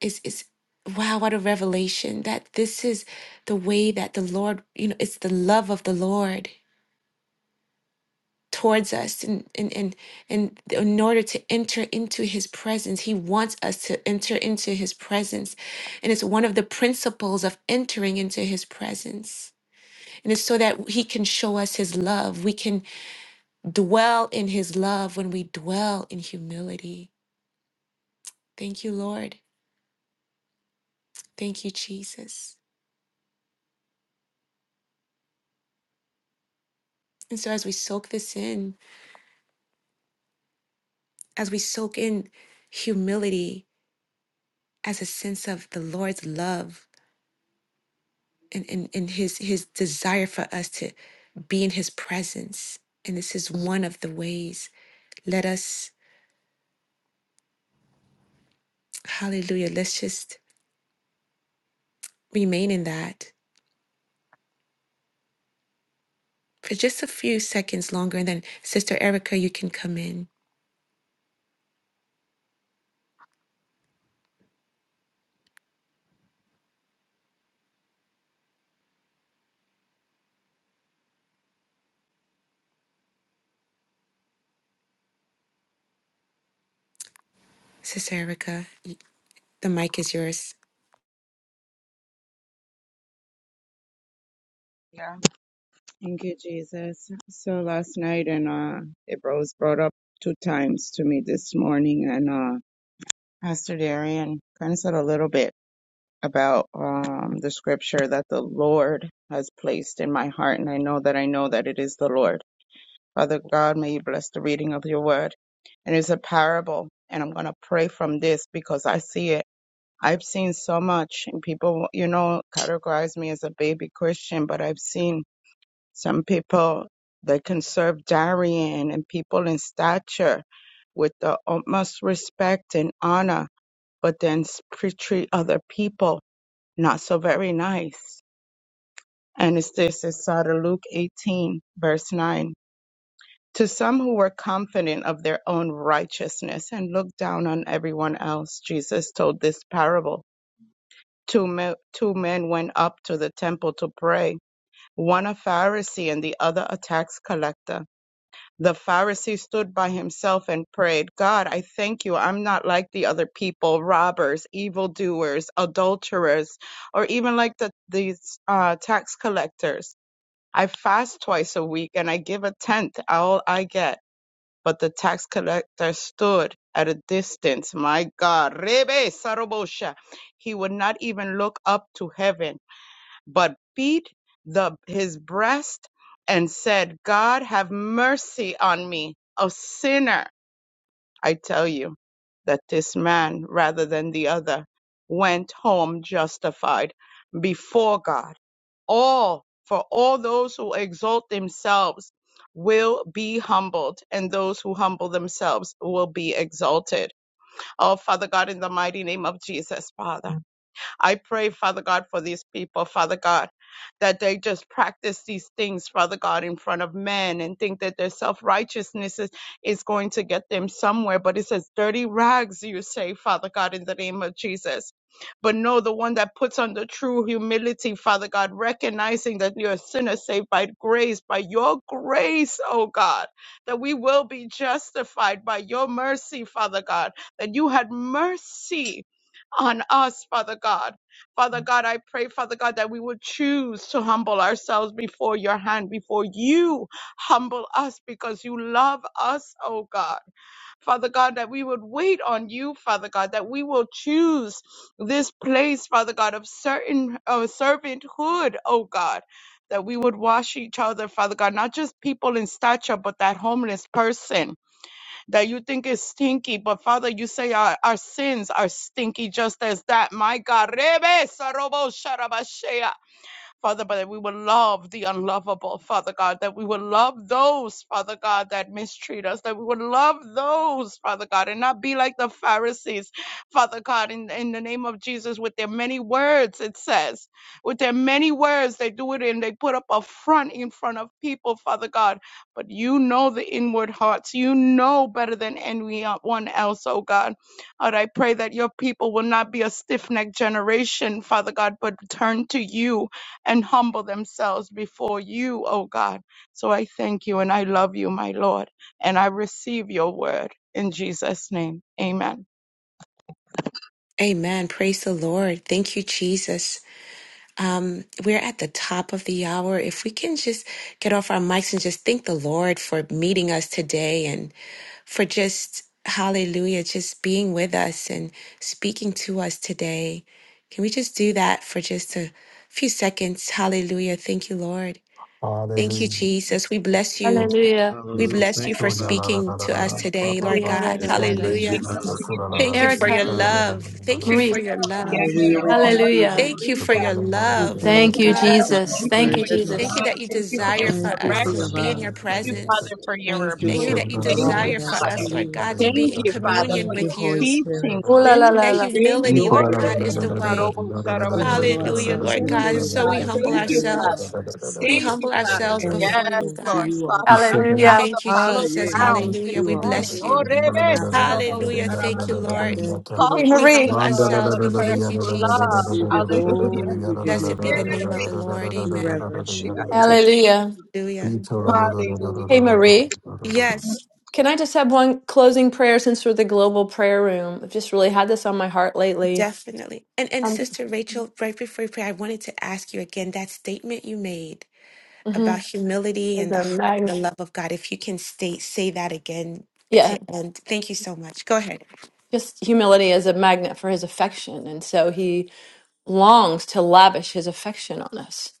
Speaker 1: is is wow what a revelation that this is the way that the lord you know it's the love of the lord towards us and and and, and in order to enter into his presence he wants us to enter into his presence and it's one of the principles of entering into his presence and it's so that he can show us his love. We can dwell in his love, when we dwell in humility. Thank you, Lord. Thank you, Jesus. And so, as we soak this in, as we soak in humility as a sense of the Lord's love and, and, and his, his desire for us to be in his presence, and this is one of the ways, let us, hallelujah, let's just remain in that for just a few seconds longer. And then, Sister Erica, you can come in. Sister Erica, the mic is yours.
Speaker 6: yeah, thank you, Jesus. So last night and, uh, it was brought up two times to me this morning and, uh, Pastor Darian kind of said a little bit about, um, the scripture that the Lord has placed in my heart. And I know that I know that it is the Lord. Father God, may you bless the reading of your word. And it's a parable, and I'm going to pray from this because I see it. I've seen so much, and people, you know, categorize me as a baby Christian, but I've seen some people that can serve Darian and people in stature with the utmost respect and honor, but then sp- treat other people not so very nice. And it's this, it's out of Luke 18, verse 9 To some who were confident of their own righteousness and looked down on everyone else, Jesus told this parable. Two men, two men went up to the temple to pray, one a Pharisee and the other a tax collector. The Pharisee stood by himself and prayed, God, I thank you. I'm not like the other people, robbers, evildoers, adulterers, or even like the, these uh, tax collectors. I fast twice a week and I give a tenth all I get. But the tax collector stood at a distance. My God, Rebe Sarobosha. He would not even look up to heaven, but beat the, his breast and said, God, have mercy on me, a sinner. I tell you that this man, rather than the other, went home justified before God all for all those who exalt themselves will be humbled and those who humble themselves will be exalted oh father god in the mighty name of jesus father I pray, Father God, for these people, Father God, that they just practice these things, Father God, in front of men and think that their self righteousness is, is going to get them somewhere. But it says, dirty rags, you say, Father God, in the name of Jesus. But no, the one that puts on the true humility, Father God, recognizing that you're a sinner saved by grace, by your grace, oh God, that we will be justified by your mercy, Father God, that you had mercy on us, Father God. Father God, I pray, Father God, that we would choose to humble ourselves before your hand, before you humble us because you love us, oh God. Father God, that we would wait on you, Father God, that we will choose this place, Father God, of certain uh, servanthood, oh God. That we would wash each other, Father God, not just people in stature, but that homeless person that you think is stinky. But Father, you say our, our sins are stinky just as that. My God. Rebe sarobo sharabashea. Father, but that we will love the unlovable, Father God, that we will love those, Father God, that mistreat us, that we will love those, Father God, and not be like the Pharisees, Father God, in, in the name of Jesus, with their many words, it says. With their many words, they do it and they put up a front in front of people, Father God. But you know the inward hearts. You know better than anyone else, oh God. Lord, I pray that your people will not be a stiff necked generation, Father God, but turn to you and humble themselves before you, O God. So I thank you and I love you, my Lord, and I receive your word in Jesus' name. Amen.
Speaker 1: Amen. Praise the Lord. Thank you, Jesus. Um, we're at the top of the hour. If we can just get off our mics and just thank the Lord for meeting us today and for just, hallelujah, just being with us and speaking to us today. Can we just do that for just a few seconds? Hallelujah. Thank you, Lord. Thank you,
Speaker 4: Hallelujah.
Speaker 6: Yeah.
Speaker 1: Jesus. We bless you.
Speaker 4: Thank you,
Speaker 1: We
Speaker 8: Hallelujah.
Speaker 4: Jesus.
Speaker 1: bless you
Speaker 8: Thank
Speaker 4: Show
Speaker 8: you,
Speaker 1: for
Speaker 4: ya la
Speaker 8: Father.
Speaker 4: la
Speaker 1: speaking
Speaker 4: la la
Speaker 1: to
Speaker 4: la la.
Speaker 1: us
Speaker 4: Ba
Speaker 1: today,
Speaker 4: ba
Speaker 1: Lord
Speaker 6: Thank
Speaker 4: ba. ba,
Speaker 1: God.
Speaker 8: Yes,
Speaker 4: Son la
Speaker 6: you,
Speaker 8: thank
Speaker 4: la
Speaker 8: you,
Speaker 1: Hallelujah.
Speaker 6: thank
Speaker 4: la,
Speaker 8: Father.
Speaker 4: Su
Speaker 6: you,
Speaker 4: la la la
Speaker 1: Thank
Speaker 4: la.
Speaker 1: you for
Speaker 4: Su
Speaker 1: your
Speaker 4: la
Speaker 6: Jesus.
Speaker 8: Ra,
Speaker 4: la
Speaker 8: ba,
Speaker 4: la la la
Speaker 8: ba,
Speaker 4: la
Speaker 1: love.
Speaker 8: ba.
Speaker 1: Thank you
Speaker 4: la.
Speaker 1: for your love.
Speaker 3: Hallelujah.
Speaker 6: Yes,
Speaker 3: We thank you, Lord.
Speaker 1: Thank you
Speaker 4: Su
Speaker 1: for
Speaker 6: hallelujah.
Speaker 4: la la
Speaker 1: your
Speaker 4: la la la la la.
Speaker 3: We
Speaker 1: love, oh
Speaker 3: thank
Speaker 5: Thank you,
Speaker 3: you, Lord
Speaker 1: God.
Speaker 6: Yes,
Speaker 3: God,
Speaker 5: Jesus.
Speaker 6: thank
Speaker 3: for
Speaker 6: you
Speaker 5: Thank
Speaker 3: your
Speaker 5: you,
Speaker 6: for
Speaker 8: Thank you,
Speaker 6: your
Speaker 1: Thank
Speaker 8: Father.
Speaker 5: Jesus.
Speaker 1: you
Speaker 3: goodness.
Speaker 6: love.
Speaker 1: that you
Speaker 6: Thank you for your
Speaker 1: desire for
Speaker 3: Thank you
Speaker 4: Ya
Speaker 1: us
Speaker 3: for
Speaker 4: la la
Speaker 1: to
Speaker 3: your
Speaker 4: la la
Speaker 1: be
Speaker 4: la la
Speaker 1: in
Speaker 3: love.
Speaker 6: correction.
Speaker 1: your
Speaker 4: la. la
Speaker 6: Thank
Speaker 4: la
Speaker 6: you,
Speaker 4: la
Speaker 6: Father,
Speaker 1: presence.
Speaker 6: for your
Speaker 3: Thank you,
Speaker 4: You
Speaker 1: Thank you
Speaker 6: rebuke.
Speaker 3: Lord,
Speaker 4: shall
Speaker 1: that you
Speaker 3: for
Speaker 4: la la la la
Speaker 6: Thank
Speaker 4: la
Speaker 6: you,
Speaker 1: desire
Speaker 3: drawing
Speaker 1: for
Speaker 3: us
Speaker 4: la la
Speaker 3: to
Speaker 1: us,
Speaker 6: Father.
Speaker 4: la.
Speaker 1: Lord
Speaker 3: you.
Speaker 4: Ya
Speaker 1: God, to
Speaker 6: Thank
Speaker 4: la
Speaker 1: be in
Speaker 6: you,
Speaker 4: la
Speaker 6: Father,
Speaker 1: communion
Speaker 6: for
Speaker 3: Thank you,
Speaker 6: your
Speaker 1: with
Speaker 3: Holy
Speaker 1: you.
Speaker 3: Spirit.
Speaker 6: teachings. Thank
Speaker 1: And that
Speaker 6: you. Thank you.
Speaker 1: humility,
Speaker 3: Thank
Speaker 6: Oh,
Speaker 1: Lord
Speaker 3: you,
Speaker 1: God,
Speaker 3: Lord
Speaker 1: is the
Speaker 3: God.
Speaker 6: Rebbe,
Speaker 1: way.
Speaker 6: Sarobo,
Speaker 3: We
Speaker 6: Sarabashia.
Speaker 3: humble
Speaker 1: Hallelujah,
Speaker 3: ourselves
Speaker 1: Lord
Speaker 6: Thank
Speaker 1: God.
Speaker 3: before
Speaker 6: you,
Speaker 1: And
Speaker 3: you,
Speaker 1: so
Speaker 3: Lord
Speaker 6: God.
Speaker 1: we
Speaker 3: God.
Speaker 1: humble
Speaker 6: Thank
Speaker 3: Have
Speaker 6: you,
Speaker 3: your way
Speaker 6: Father.
Speaker 1: ourselves.
Speaker 3: on us.
Speaker 1: We
Speaker 6: Thank you,
Speaker 1: humble
Speaker 6: Father.
Speaker 4: la
Speaker 1: ourselves
Speaker 4: la
Speaker 3: Thank
Speaker 1: before
Speaker 3: you,
Speaker 6: Yes,
Speaker 1: you,
Speaker 3: Lord, for
Speaker 6: Lord.
Speaker 1: God.
Speaker 3: you are the
Speaker 6: Soften us
Speaker 4: la
Speaker 1: We
Speaker 4: la.
Speaker 6: now the
Speaker 1: thank you,
Speaker 3: Ah,
Speaker 6: fallow
Speaker 1: Jesus.
Speaker 3: yeah.
Speaker 4: Amen.
Speaker 6: grounds
Speaker 1: Hallelujah.
Speaker 6: this
Speaker 1: We
Speaker 3: You are my
Speaker 6: morning.
Speaker 1: bless
Speaker 6: Oh,
Speaker 1: you.
Speaker 3: Father,
Speaker 6: Rebe,
Speaker 3: Rabbi
Speaker 6: Sarobo,
Speaker 3: Father.
Speaker 1: Hallelujah. Thank you,
Speaker 6: Sarabashia.
Speaker 1: Lord.
Speaker 3: Thank you, Lord
Speaker 1: We
Speaker 5: Marie.
Speaker 6: Cultivate,
Speaker 1: humble
Speaker 3: Jesus.
Speaker 6: Lord,
Speaker 1: ourselves.
Speaker 6: the
Speaker 1: We thank
Speaker 6: first
Speaker 1: you,
Speaker 6: love.
Speaker 1: Jesus.
Speaker 3: We give you
Speaker 6: Hallelujah.
Speaker 3: glory, we give you
Speaker 1: Blessed be
Speaker 6: Yeah,
Speaker 1: the
Speaker 3: honor,
Speaker 1: name of
Speaker 6: Rebe,
Speaker 1: the Lord.
Speaker 6: Sarobo,
Speaker 3: we
Speaker 1: Amen.
Speaker 3: reverence
Speaker 6: Sarabashia.
Speaker 3: you,
Speaker 6: I
Speaker 3: Lord, today.
Speaker 6: Thank
Speaker 5: Hallelujah.
Speaker 6: you, Jesus.
Speaker 1: Hallelujah.
Speaker 6: Hallelujah.
Speaker 5: Hey, Marie.
Speaker 1: Yes.
Speaker 5: Can I just have one closing prayer since we're the global prayer room? I've just really had this on my heart lately.
Speaker 1: Definitely. And and Sister Rachel, right before you pray, I wanted to ask you again that statement you made
Speaker 5: hmm
Speaker 1: about humility
Speaker 5: As
Speaker 1: and the
Speaker 5: a
Speaker 1: heart
Speaker 5: magnet.
Speaker 1: and the love of God. If you can state say that again
Speaker 5: Yeah,
Speaker 1: to end. Thank you so much. Go ahead.
Speaker 5: just humility as a magnet for his affection. And so he longs to lavish his affection on us.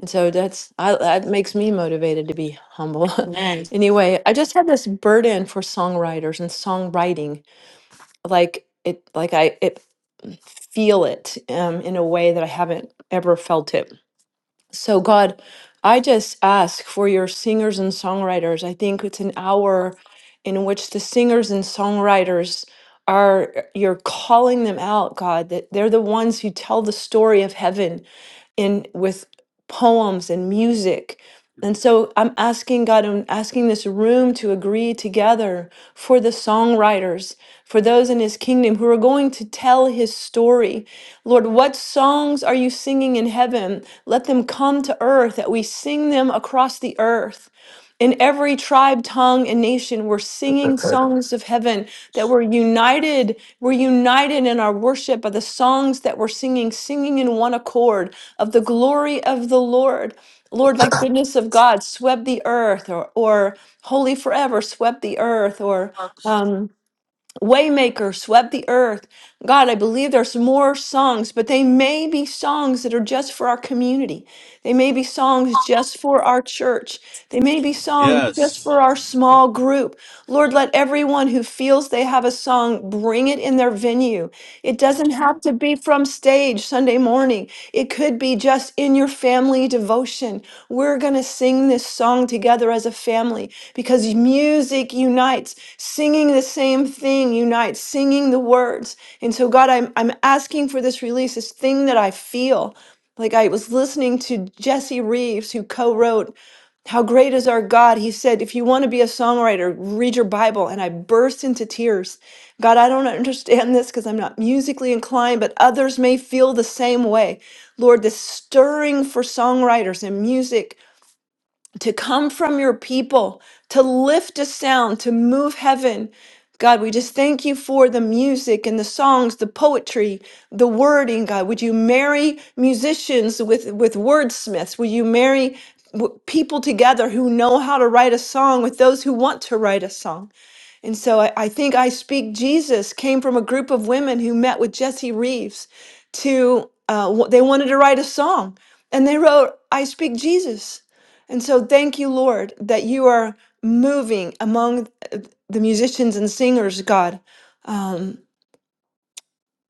Speaker 5: And so that's I, that makes me motivated to be humble.
Speaker 1: Amen.
Speaker 5: anyway, I just had this burden for songwriters and songwriting. Like it like I it feel it um, in a way that I haven't ever felt it So, God, I just ask for your singers and songwriters. I think it's an hour in which the singers and songwriters are, you're calling them out, God, that they're the ones who tell the story of heaven in with poems and music. And so I'm asking God, I'm asking this room to agree together for the songwriters, for those in his kingdom who are going to tell his story. Lord, what songs are you singing in heaven? Let them come to earth, that we sing them across the earth. In every tribe, tongue, and nation, we're singing songs of heaven that we're united. We're united in our worship by the songs that we're singing, singing in one accord of the glory of the Lord. Lord, like goodness of God, swept the earth, or, or holy forever, swept the earth, or um, waymaker, swept the earth. God, I believe there's more songs, but they may be songs that are just for our community. They may be songs just for our church. They may be songs just
Speaker 9: Yes.
Speaker 5: for our small group. Lord, let everyone who feels they have a song bring it in their venue it doesn't have to be from stage Sunday morning. It could be just in your family devotion. We're going to sing this song together as a family because music unites. Singing the same thing unites, singing the words. And so, God, I'm, I'm asking for this release, this thing that I feel. Like I was listening to Jesse Reeves, who co wrote how great is our God? He said, if you want to be a songwriter, read your Bible. And I burst into tears God, I don't understand this because I'm not musically inclined, but others may feel the same way. Lord, this stirring for songwriters and music to come from your people, to lift a sound, to move heaven. God, we just thank you for the music and the songs, the poetry, the wording, God. Would you marry musicians with, with wordsmiths? Will you marry w- people together who know how to write a song with those who want to write a song? And so I, I think I Speak Jesus came from a group of women who met with Jesse Reeves to, uh, w- they wanted to write a song and they wrote I Speak Jesus. And so thank you, Lord, that you are moving among uh, the musicians and singers, God. Um,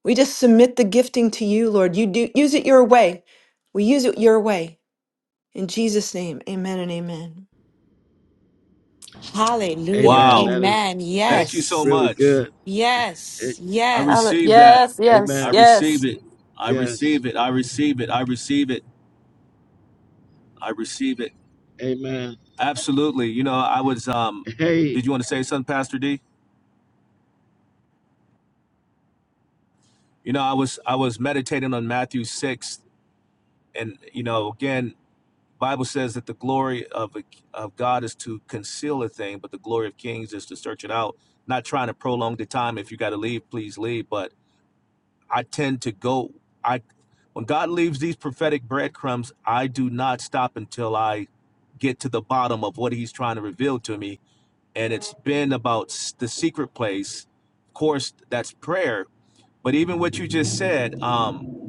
Speaker 5: we just submit the gifting to you, Lord. You do use it your way. We use it your way. In Jesus' name, amen and amen.
Speaker 8: Amen.
Speaker 9: Wow.
Speaker 8: That is that's
Speaker 9: Thank you so
Speaker 8: really
Speaker 9: much.
Speaker 8: good. It,
Speaker 9: I receive that. I
Speaker 8: amen.
Speaker 9: receive it. I
Speaker 8: Yes.
Speaker 9: receive it. I receive it. I receive it. I receive it.
Speaker 8: Amen.
Speaker 9: Absolutely. You know, I was um
Speaker 8: Hey,
Speaker 9: did you want to say something, Pastor D? You know, I was I was meditating on Matthew six and you know, again, Bible says that the glory of of God is to conceal a thing, but the glory of kings is to search it out. Not trying to prolong the time. If you got to leave, please leave. But I tend to go. I when God leaves these prophetic breadcrumbs, I do not stop until I get to the bottom of what He's trying to reveal to me. And it's been about the secret place. Of course, that's prayer. But even what you just said, um,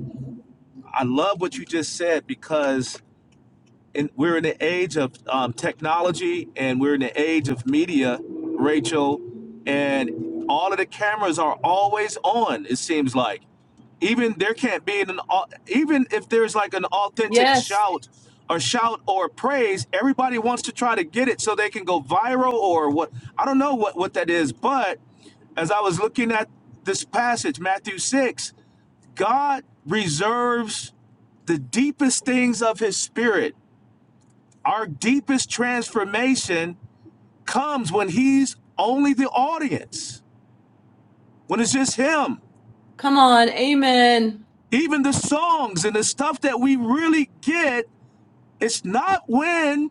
Speaker 9: I love what you just said because and we're in the age of um, technology and we're in the age of media, Rachel, and all of the cameras are always on. It seems like even there can't be an even if there's like an authentic shout or shout or praise, everybody wants to try to get it so they can go viral or what. I don't know what what that is, but as I was looking at this passage, Matthew six, God reserves the deepest things of His Spirit our deepest transformation comes when he's only the audience, when it's just him.
Speaker 5: Come on, amen.
Speaker 9: Even the songs and the stuff that we really get, it's not when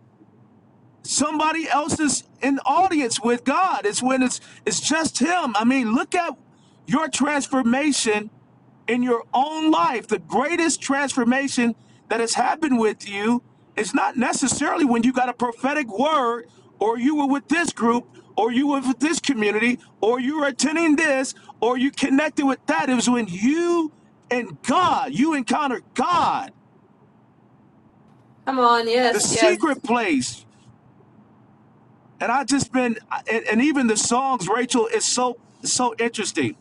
Speaker 9: somebody else is in audience with God. It's when it's it's just him. I mean, look at your transformation in your own life. The greatest transformation that has happened with you is not necessarily when you got a prophetic word or you were with this group or you were with this community or you were attending this or you connected with that. It was when you and God, you encountered God, the secret place. and I just been and, even the songs, Rachel, is so so interesting.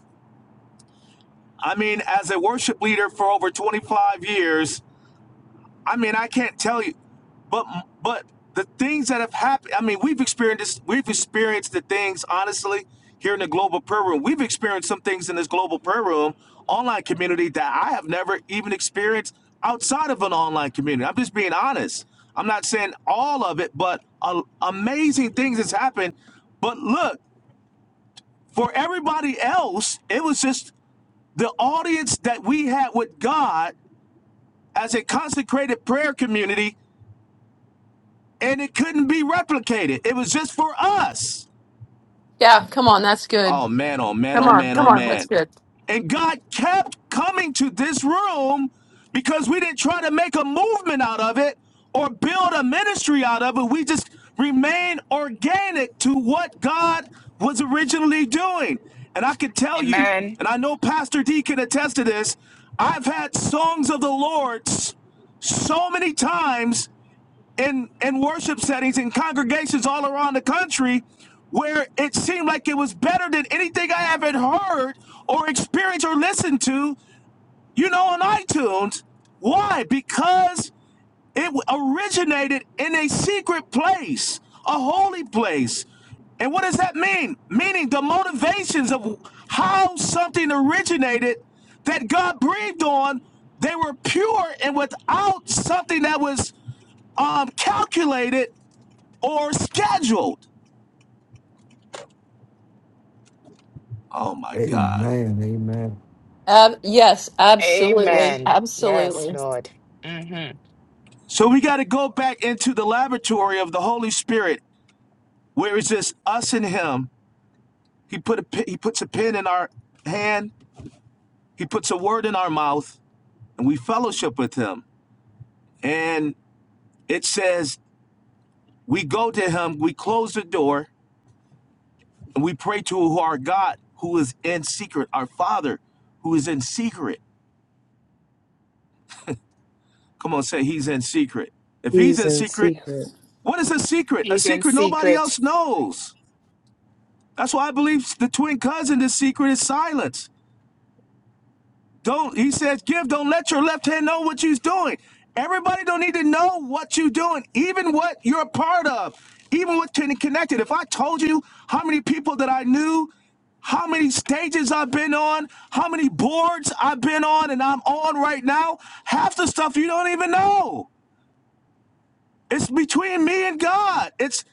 Speaker 9: I mean, as a worship leader for over 25 years, I mean, I can't tell you, but but the things that have happened. I mean, we've experienced we've experienced the things honestly here in the global prayer room. We've experienced some things in this global prayer room online community that I have never even experienced outside of an online community. I'm just being honest. I'm not saying all of it, but a, amazing things has happened. But look. For everybody else, it was just the audience that we had with God as a consecrated prayer community, and it couldn't be replicated. It was just for us.
Speaker 5: Yeah, come on, that's good.
Speaker 9: Oh man, oh man, oh man, oh man. And God kept coming to this room because we didn't try to make a movement out of it or build a ministry out of it. We just remained organic to what God was originally doing. And I can tell you,
Speaker 7: Amen.
Speaker 9: and I know Pastor D can attest to this, I've had songs of the Lord's so many times in in worship settings in congregations all around the country where it seemed like it was better than anything I ever heard or experienced or listened to, you know, on iTunes. Why? Because it originated in a secret place, a holy place. And what does that mean? Meaning the motivations of how something originated that God breathed on, they were pure and without something that was um, calculated or scheduled. Oh my God.
Speaker 4: Amen.
Speaker 5: Ab- yes, absolutely.
Speaker 7: Amen. Yes,
Speaker 5: Absolutely.
Speaker 7: Lord. Mm-hmm.
Speaker 9: So we got to go back into the laboratory of the Holy Spirit where it's just us and him. He put a he puts a pen in our hand, he puts a word in our mouth, and we fellowship with him. And it says we go to him, we close the door, and we pray to our God who is in secret, our Father who is in secret. Come on, say he's in secret. If he's
Speaker 3: These
Speaker 9: in
Speaker 3: in
Speaker 9: secret,
Speaker 3: secret.
Speaker 9: what is a secret? A
Speaker 7: He's in
Speaker 9: secret nobody
Speaker 7: secret.
Speaker 9: else knows. That's why I believe the twin cousin, the secret is silence. Don't he says, give, don't let your left hand know what you're doing. Everybody don't need to know what you're doing, even what you're a part of, even what can connected. If I told you how many people that I knew, how many stages I've been on, how many boards I've been on and I'm on right now, half the stuff you don't even know. It's between me and God. It's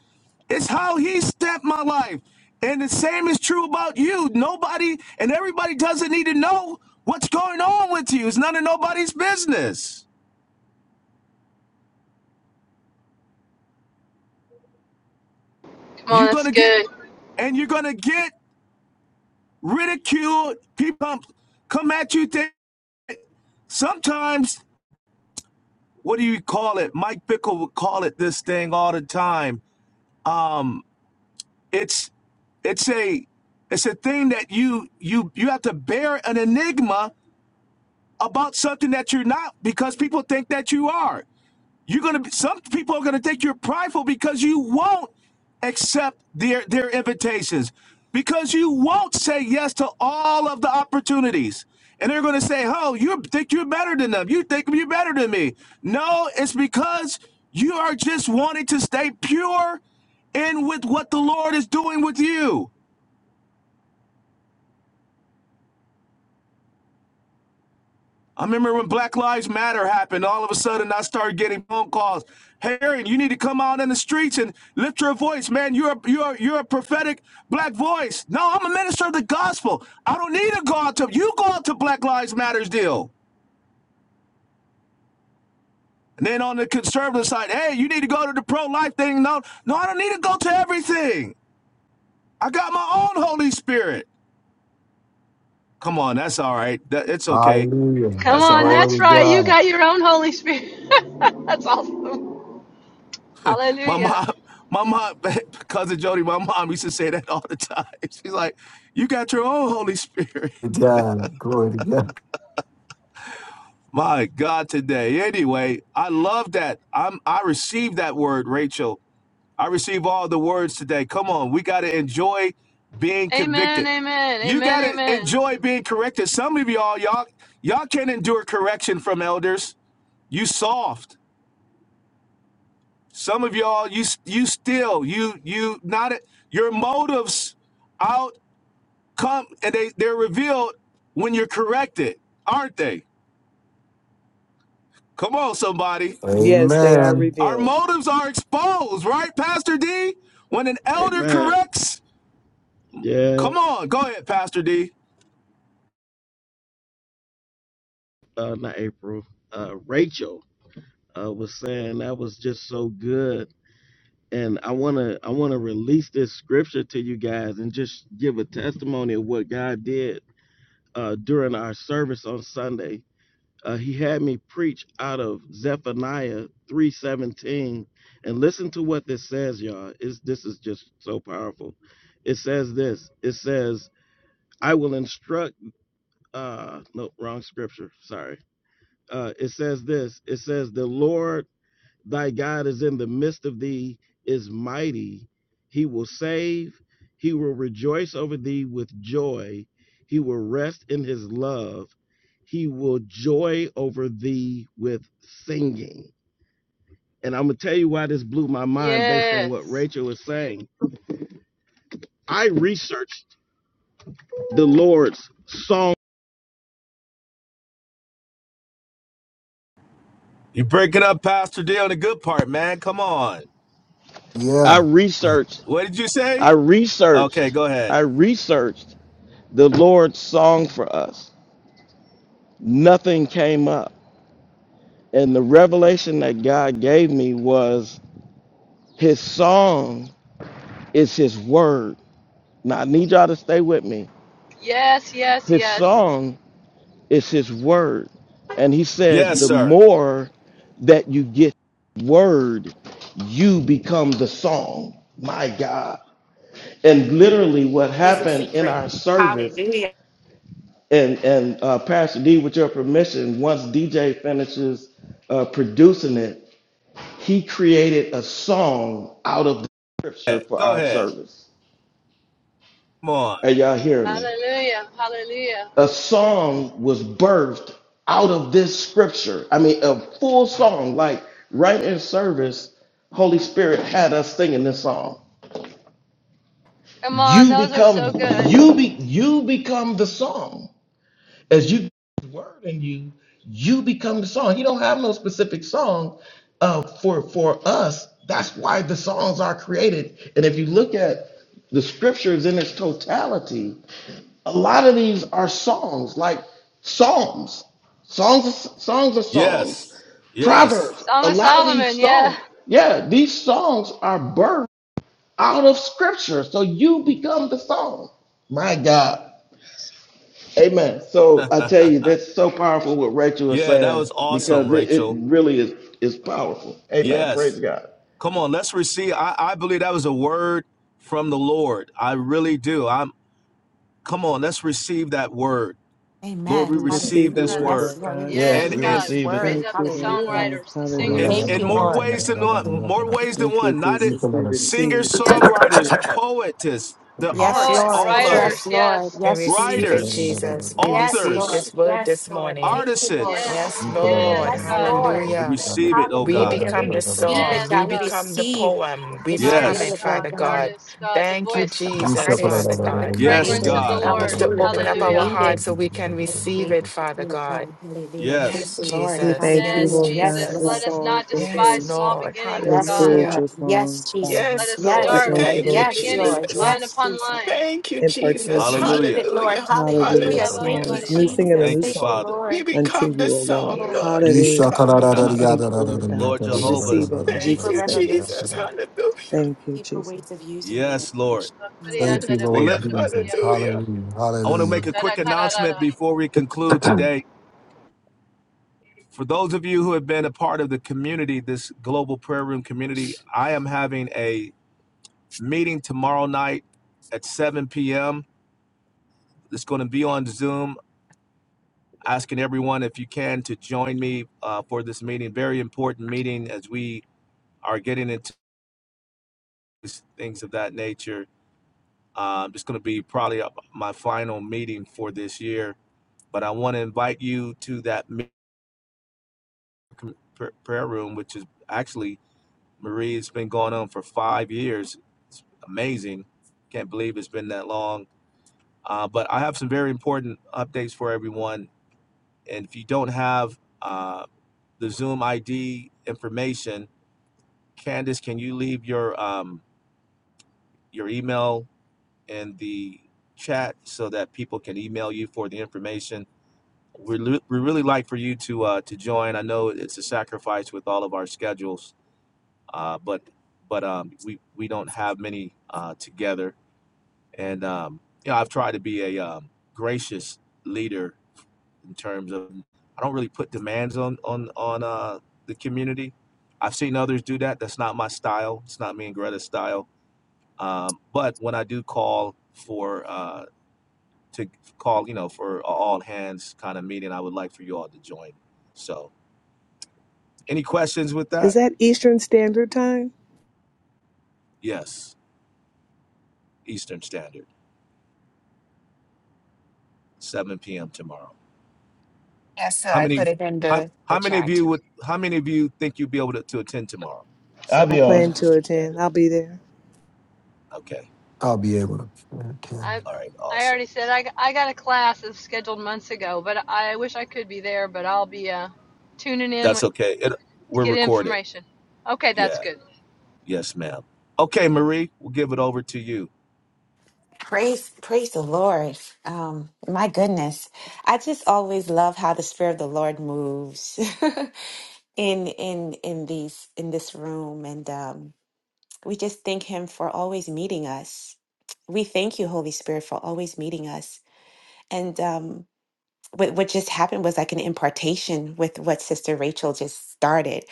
Speaker 9: it's how He stepped my life, and the same is true about you. Nobody and everybody doesn't need to know what's going on with you. It's none of nobody's business.
Speaker 5: Come on,
Speaker 9: You're
Speaker 5: that's
Speaker 9: gonna get
Speaker 5: good.
Speaker 9: and you're gonna get ridiculed. People come, at you. Think, sometimes, what do you call it? Mike Bickle would call it this thing all the time. Um, it's it's a it's a thing that you you you have to bear an enigma about something that you're not because people think that you are. You're gonna be, some people are gonna think you're prideful because you won't accept their their invitations, because you won't say yes to all of the opportunities. And they're gonna say, "Oh, you think you're better than them? You think you're better than me?" No, it's because you are just wanting to stay pure in with what the Lord is doing with you. I remember when Black Lives Matter happened, all of a sudden I started getting phone calls. Hey, Aaron, you need to come out in the streets and lift your voice, man. You're a, you're you're a prophetic black voice. No, I'm a minister of the gospel. I don't need to go out to you go out to Black Lives Matters deal. And then on the conservative side, hey, you need to go to the pro-life thing. No, no, I don't need to go to everything. I got my own Holy Spirit. Come on, that's all right. That, it's okay.
Speaker 4: Hallelujah.
Speaker 5: Come
Speaker 9: That's all
Speaker 5: on,
Speaker 9: right.
Speaker 4: Glory
Speaker 5: that's
Speaker 4: to
Speaker 5: right. You
Speaker 4: God.
Speaker 5: got your own Holy Spirit. that's awesome.
Speaker 9: My
Speaker 5: Hallelujah.
Speaker 9: mom, my mom, cousin Jody, my mom used to say that all the time. She's like, "You got your own Holy Spirit."
Speaker 4: To God. Glory to God.
Speaker 9: My God, today. Anyway, I love that. I'm. I received that word, Rachel. I receive all the words today. Come on, we got to enjoy being
Speaker 5: Amen,
Speaker 9: convicted.
Speaker 5: amen,
Speaker 9: You got
Speaker 5: amen,
Speaker 9: to
Speaker 5: amen.
Speaker 9: enjoy being corrected. Some of y'all, y'all, y'all can't endure correction from elders. You soft. Some of y'all, you you still you you not. Your motives out. come and they they're revealed when you're corrected, aren't they? Come on, somebody.
Speaker 3: Yes, they are
Speaker 4: Amen.
Speaker 9: Our
Speaker 3: revealed.
Speaker 9: motives are exposed, right, Pastor D? When an elder
Speaker 8: amen.
Speaker 9: corrects,
Speaker 8: Yeah.
Speaker 9: come on, go ahead, Pastor D.
Speaker 8: Uh, not April. Uh, Rachel uh, was saying that was just so good. And I wanna I wanna release this scripture to you guys and just give a testimony of what God did uh, during our service on Sunday uh, he had me preach out of Zephaniah 3:17 and listen to what this says y'all it's, this is just so powerful it says this it says I will instruct uh no wrong scripture sorry uh it says this it says the Lord Thy God is in the midst of thee, is mighty. He will save. He will rejoice over thee with joy. He will rest in his love. He will joy over thee with singing. And I'm going to tell you why this blew my mind based on what
Speaker 5: Yes.
Speaker 8: Rachel was saying. I researched the Lord's song.
Speaker 9: You break it up, Pastor D, on the good part, man. Come on.
Speaker 8: I researched,
Speaker 9: What did you say?
Speaker 8: I
Speaker 9: Okay,
Speaker 8: researched,
Speaker 9: go ahead.
Speaker 8: I researched the Lord's song for us. Nothing came up. And the revelation that God gave me was his song is his word. Now I need y'all to stay with me.
Speaker 5: Yes, yes,
Speaker 8: His
Speaker 5: yes.
Speaker 8: song is his word. And he said,
Speaker 9: Yes,
Speaker 8: the
Speaker 9: sir.
Speaker 8: more that you get word, you become the song. My God. And literally what happened in our service, and, and uh, Pastor D, with your permission, once DJ finishes uh, producing it, He created a song out of the scripture
Speaker 9: Hey,
Speaker 8: for
Speaker 9: Go
Speaker 8: our
Speaker 9: ahead.
Speaker 8: service.
Speaker 9: Come on.
Speaker 8: Are y'all hearing me?
Speaker 5: Hallelujah, hallelujah.
Speaker 8: A song was birthed out of this scripture. I mean, a full song, like right in service, Holy Spirit had us singing this song.
Speaker 5: Come on,
Speaker 8: You
Speaker 5: those are so
Speaker 8: become
Speaker 5: good.
Speaker 8: you be you become the song. as you get His word in you, you become the song. He don't have no specific song uh, for for us. That's why the songs are created. And if you look at the scriptures in its totality, a lot of these are songs, like psalms. Songs, songs of songs.
Speaker 9: Yes. Yes.
Speaker 8: Proverbs. A
Speaker 5: Song of
Speaker 8: lot of these
Speaker 5: Solomon, yeah.
Speaker 8: songs, yeah, these songs are birthed out of scripture. So you become the song. My God. Amen. So I tell you, that's so powerful what Rachel is
Speaker 9: Yeah, that
Speaker 8: saying
Speaker 9: was awesome,
Speaker 8: because it, it
Speaker 9: Rachel.
Speaker 8: really is is powerful. Amen.
Speaker 9: Yes.
Speaker 8: Praise God.
Speaker 9: Come on, let's receive. I, I believe that was a word from the Lord. I really do. I'm come on, let's receive that word. Lord,
Speaker 1: Amen.
Speaker 9: we
Speaker 3: We
Speaker 9: receive
Speaker 3: receive
Speaker 1: Hallelujah.
Speaker 3: the
Speaker 9: this
Speaker 3: word,
Speaker 9: word.
Speaker 1: Yes,
Speaker 3: Lord
Speaker 1: Lord, we
Speaker 3: God.
Speaker 8: Yes,
Speaker 5: Yes,
Speaker 9: And
Speaker 8: we
Speaker 1: receive
Speaker 9: and
Speaker 5: God.
Speaker 1: this
Speaker 8: receive it.
Speaker 5: Raise
Speaker 1: word.
Speaker 3: Thank
Speaker 5: up the
Speaker 3: you, Lord
Speaker 1: Hallelujah.
Speaker 3: God.
Speaker 5: songwriters, the
Speaker 9: and
Speaker 3: Hallelujah.
Speaker 5: singers.
Speaker 1: Thank
Speaker 9: in
Speaker 1: you,
Speaker 9: more
Speaker 1: Lord.
Speaker 9: ways than one, more ways than
Speaker 3: Thank you,
Speaker 9: one. Not it
Speaker 3: Jesus. We
Speaker 4: Yeah.
Speaker 9: singers,
Speaker 3: receive. Father.
Speaker 5: Yes,
Speaker 9: songwriters, poetess, the
Speaker 1: Yes,
Speaker 9: arts,
Speaker 5: poets,
Speaker 7: Yes,
Speaker 1: Lord.
Speaker 9: all of it.
Speaker 5: writers,
Speaker 7: Lord.
Speaker 1: Yes, Lord.
Speaker 5: yes.
Speaker 7: We
Speaker 1: Yes,
Speaker 7: receive it,
Speaker 1: Jesus.
Speaker 9: Writers,
Speaker 7: Jesus. We
Speaker 1: Yes,
Speaker 7: receive
Speaker 1: Lord.
Speaker 9: authors,
Speaker 7: this word
Speaker 1: Yes,
Speaker 7: this
Speaker 1: Lord.
Speaker 7: morning.
Speaker 1: Thank you, Lord.
Speaker 9: artisans.
Speaker 5: Yes,
Speaker 7: Yes,
Speaker 4: You
Speaker 7: Lord.
Speaker 5: yes,
Speaker 1: Yes,
Speaker 5: God.
Speaker 1: Lord.
Speaker 9: We
Speaker 7: Hallelujah.
Speaker 9: receive it, oh
Speaker 7: We
Speaker 9: God.
Speaker 1: Hallelujah. We
Speaker 7: become the
Speaker 1: receive
Speaker 7: song.
Speaker 1: it,
Speaker 5: Yes,
Speaker 7: We
Speaker 1: God. We
Speaker 5: God.
Speaker 7: become the
Speaker 1: receive.
Speaker 7: poem.
Speaker 1: the
Speaker 7: We become
Speaker 5: Artist,
Speaker 7: it,
Speaker 9: Yes.
Speaker 1: spirit,
Speaker 5: God.
Speaker 1: Lord
Speaker 7: Father God.
Speaker 1: God,
Speaker 5: Artist, God. The
Speaker 7: Thank you,
Speaker 1: of,
Speaker 5: voice,
Speaker 1: of the
Speaker 7: Jesus, Father
Speaker 1: artists, of the
Speaker 7: God.
Speaker 9: Yes,
Speaker 5: fragrance
Speaker 1: creative,
Speaker 5: of the
Speaker 9: God.
Speaker 7: Help us
Speaker 5: Lord.
Speaker 7: to
Speaker 1: hallelujah, the
Speaker 7: open up our
Speaker 5: Hallelujah.
Speaker 1: creative,
Speaker 7: hearts so we can
Speaker 1: the
Speaker 7: receive
Speaker 1: creative
Speaker 7: it, Father
Speaker 1: of God,
Speaker 7: God.
Speaker 1: hallelujah. Thank
Speaker 7: Yes,
Speaker 9: Yes.
Speaker 1: you, Lord,
Speaker 3: We
Speaker 7: Jesus.
Speaker 3: thank you,
Speaker 5: Yes,
Speaker 7: Yes,
Speaker 1: hallelujah.
Speaker 3: Lord
Speaker 1: Yes,
Speaker 3: God,
Speaker 5: Jesus.
Speaker 3: for
Speaker 7: Jesus.
Speaker 1: Lord.
Speaker 5: Let us
Speaker 3: songs
Speaker 5: not
Speaker 3: and
Speaker 7: Yes,
Speaker 5: despise
Speaker 3: hymns
Speaker 5: small
Speaker 7: Lord.
Speaker 5: beginnings,
Speaker 3: and
Speaker 1: Yes,
Speaker 5: God.
Speaker 1: Lord.
Speaker 3: spiritual
Speaker 7: Hallelujah.
Speaker 1: Yes,
Speaker 3: songs, Father.
Speaker 5: Let
Speaker 1: Jesus.
Speaker 7: Yes,
Speaker 5: us
Speaker 3: We
Speaker 7: Lord.
Speaker 1: Yes,
Speaker 5: start
Speaker 3: thank
Speaker 1: Lord.
Speaker 3: you,
Speaker 7: Thank
Speaker 5: in
Speaker 7: you,
Speaker 5: the
Speaker 3: Lord, for
Speaker 1: Yes,
Speaker 5: beginning,
Speaker 1: Lord.
Speaker 7: Jesus.
Speaker 3: spiritual
Speaker 5: line
Speaker 1: Yes,
Speaker 5: upon
Speaker 1: Jesus.
Speaker 5: line.
Speaker 7: Thank you,
Speaker 1: We
Speaker 7: Jesus.
Speaker 3: impartation.
Speaker 1: receive
Speaker 9: Hallelujah.
Speaker 1: it, Lord.
Speaker 7: Hallelujah.
Speaker 3: Hallelujah. Of
Speaker 1: Hallelujah.
Speaker 5: Shila baba
Speaker 7: Hallelujah.
Speaker 1: Thank you,
Speaker 3: songs,
Speaker 5: baria,
Speaker 3: new singing a
Speaker 1: Jesus.
Speaker 9: Thank
Speaker 3: new
Speaker 9: you,
Speaker 1: Thank you,
Speaker 3: song
Speaker 9: Father.
Speaker 7: We
Speaker 1: Lord.
Speaker 3: unto
Speaker 7: become the
Speaker 3: you, O Lord.
Speaker 7: song,
Speaker 1: Oh, good
Speaker 7: Lord. We
Speaker 3: Hallelujah.
Speaker 7: become the poem.
Speaker 1: dimension,
Speaker 3: Thank you, Lord God.
Speaker 9: Lord
Speaker 3: We
Speaker 9: Jehovah
Speaker 3: receive it in
Speaker 7: Thank
Speaker 1: deeper
Speaker 7: you,
Speaker 3: Jesus' name.
Speaker 1: revelation,
Speaker 7: Jesus. Hallelujah.
Speaker 3: Thank you,
Speaker 1: deeper
Speaker 3: Jesus.
Speaker 1: ways of using your
Speaker 9: Yes, Lord.
Speaker 5: bakaria
Speaker 1: revelation.
Speaker 4: Thank you,
Speaker 5: tara
Speaker 9: Well,
Speaker 4: Lord
Speaker 7: Hallelujah.
Speaker 9: let,
Speaker 5: kusha
Speaker 4: Jesus.
Speaker 5: katia
Speaker 7: Hallelujah.
Speaker 5: tara
Speaker 4: Hallelujah.
Speaker 9: I want to
Speaker 4: Hallelujah.
Speaker 9: make a quick
Speaker 5: sutara
Speaker 9: announcement
Speaker 5: kararara.
Speaker 9: before we conclude today. For those of you who have been a part of the community, this global prayer room community, I am having a meeting tomorrow night at 7 p.m. It's going to be on Zoom. Asking everyone if you can to join me uh, for this meeting. Very important meeting as we are getting into things of that nature. Um, it's going to be probably uh, my final meeting for this year, but I want to invite you to that meeting com- pr- prayer room, which is actually Marie. It's been going on for five years. It's amazing. Can't believe it's been that long. Uh, but I have some very important updates for everyone. And if you don't have uh, the Zoom ID information, Candace, can you leave your um, your email in the chat so that people can email you for the information? We we really like for you to uh, to join. I know it's a sacrifice with all of our schedules uh, but but um, we we don't have many uh, together. And um, you know, I've tried to be a um, gracious leader in terms of I don't really put demands on on on uh, the community. I've seen others do that. That's not my style. It's not me and Greta's style. Um, but when I do call for uh, to call, you know, for a all hands kind of meeting, I would like for you all to join. So, any questions with that?
Speaker 3: Is that Eastern Standard Time?
Speaker 9: Yes, Eastern Standard, 7 p.m. tomorrow.
Speaker 7: Yes, sir.
Speaker 9: How
Speaker 7: I
Speaker 9: many
Speaker 7: put it in
Speaker 9: how,
Speaker 7: the, the
Speaker 9: how many of
Speaker 7: chat.
Speaker 9: you would how many of you think you'd be able to, to attend tomorrow?
Speaker 8: I'll
Speaker 3: I
Speaker 9: 7
Speaker 8: be
Speaker 9: p.m.
Speaker 3: plan
Speaker 8: on.
Speaker 3: to
Speaker 9: Eastern Standard.
Speaker 3: attend. I'll be there.
Speaker 9: Okay.
Speaker 4: I'll be able to attend.
Speaker 5: I
Speaker 9: All right,
Speaker 5: I
Speaker 9: awesome.
Speaker 5: already said I, I got a class that's scheduled months ago, but I wish I could be there, but I'll be uh, tuning in
Speaker 9: That's
Speaker 5: wi-
Speaker 9: okay. It
Speaker 5: to
Speaker 9: we're
Speaker 5: get
Speaker 9: recorded.
Speaker 5: information. Okay, that's
Speaker 9: Yeah.
Speaker 5: good.
Speaker 9: Yes, ma'am. Okay, Marie, we'll give it over to you.
Speaker 1: Praise, praise the Lord. Um, my goodness. I just always love how the Spirit of the Lord moves in in in these in this room. And um, we just thank him for always meeting us. We thank you, Holy Spirit, for always meeting us. And um what, what just happened was like an impartation with what Sister Rachel just started.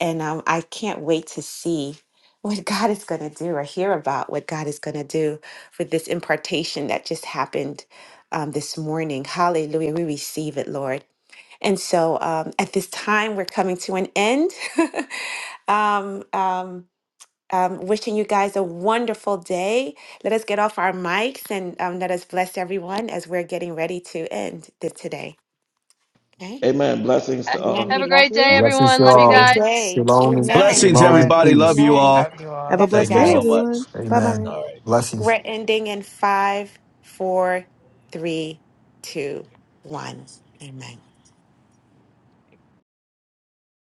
Speaker 1: And um, I can't wait to see what God is going to do or hear about what God is going to do with this impartation that just happened um, this morning. Hallelujah. We receive it, Lord. And so um, at this time, we're coming to an end. um, um, um, wishing you guys a wonderful day. Let us get off our mics and um, let us bless everyone as we're getting ready to end the, today. Okay?
Speaker 8: Amen. Blessings to all.
Speaker 5: Have a great day,
Speaker 4: Blessings,
Speaker 5: everyone. Love you
Speaker 4: y'all.
Speaker 5: guys.
Speaker 4: Shalom
Speaker 7: Thanks,
Speaker 4: and
Speaker 9: Blessings,
Speaker 4: shalom
Speaker 7: sir.
Speaker 4: and
Speaker 9: everybody. Love
Speaker 4: peace
Speaker 9: you all.
Speaker 3: Have a
Speaker 4: of
Speaker 3: blessed
Speaker 9: Thank you
Speaker 3: day,
Speaker 9: so
Speaker 4: y'all.
Speaker 3: everyone.
Speaker 9: much.
Speaker 3: Bye
Speaker 4: Amen.
Speaker 3: bye.
Speaker 9: All right.
Speaker 4: Blessings.
Speaker 1: We're ending in five, four, three, two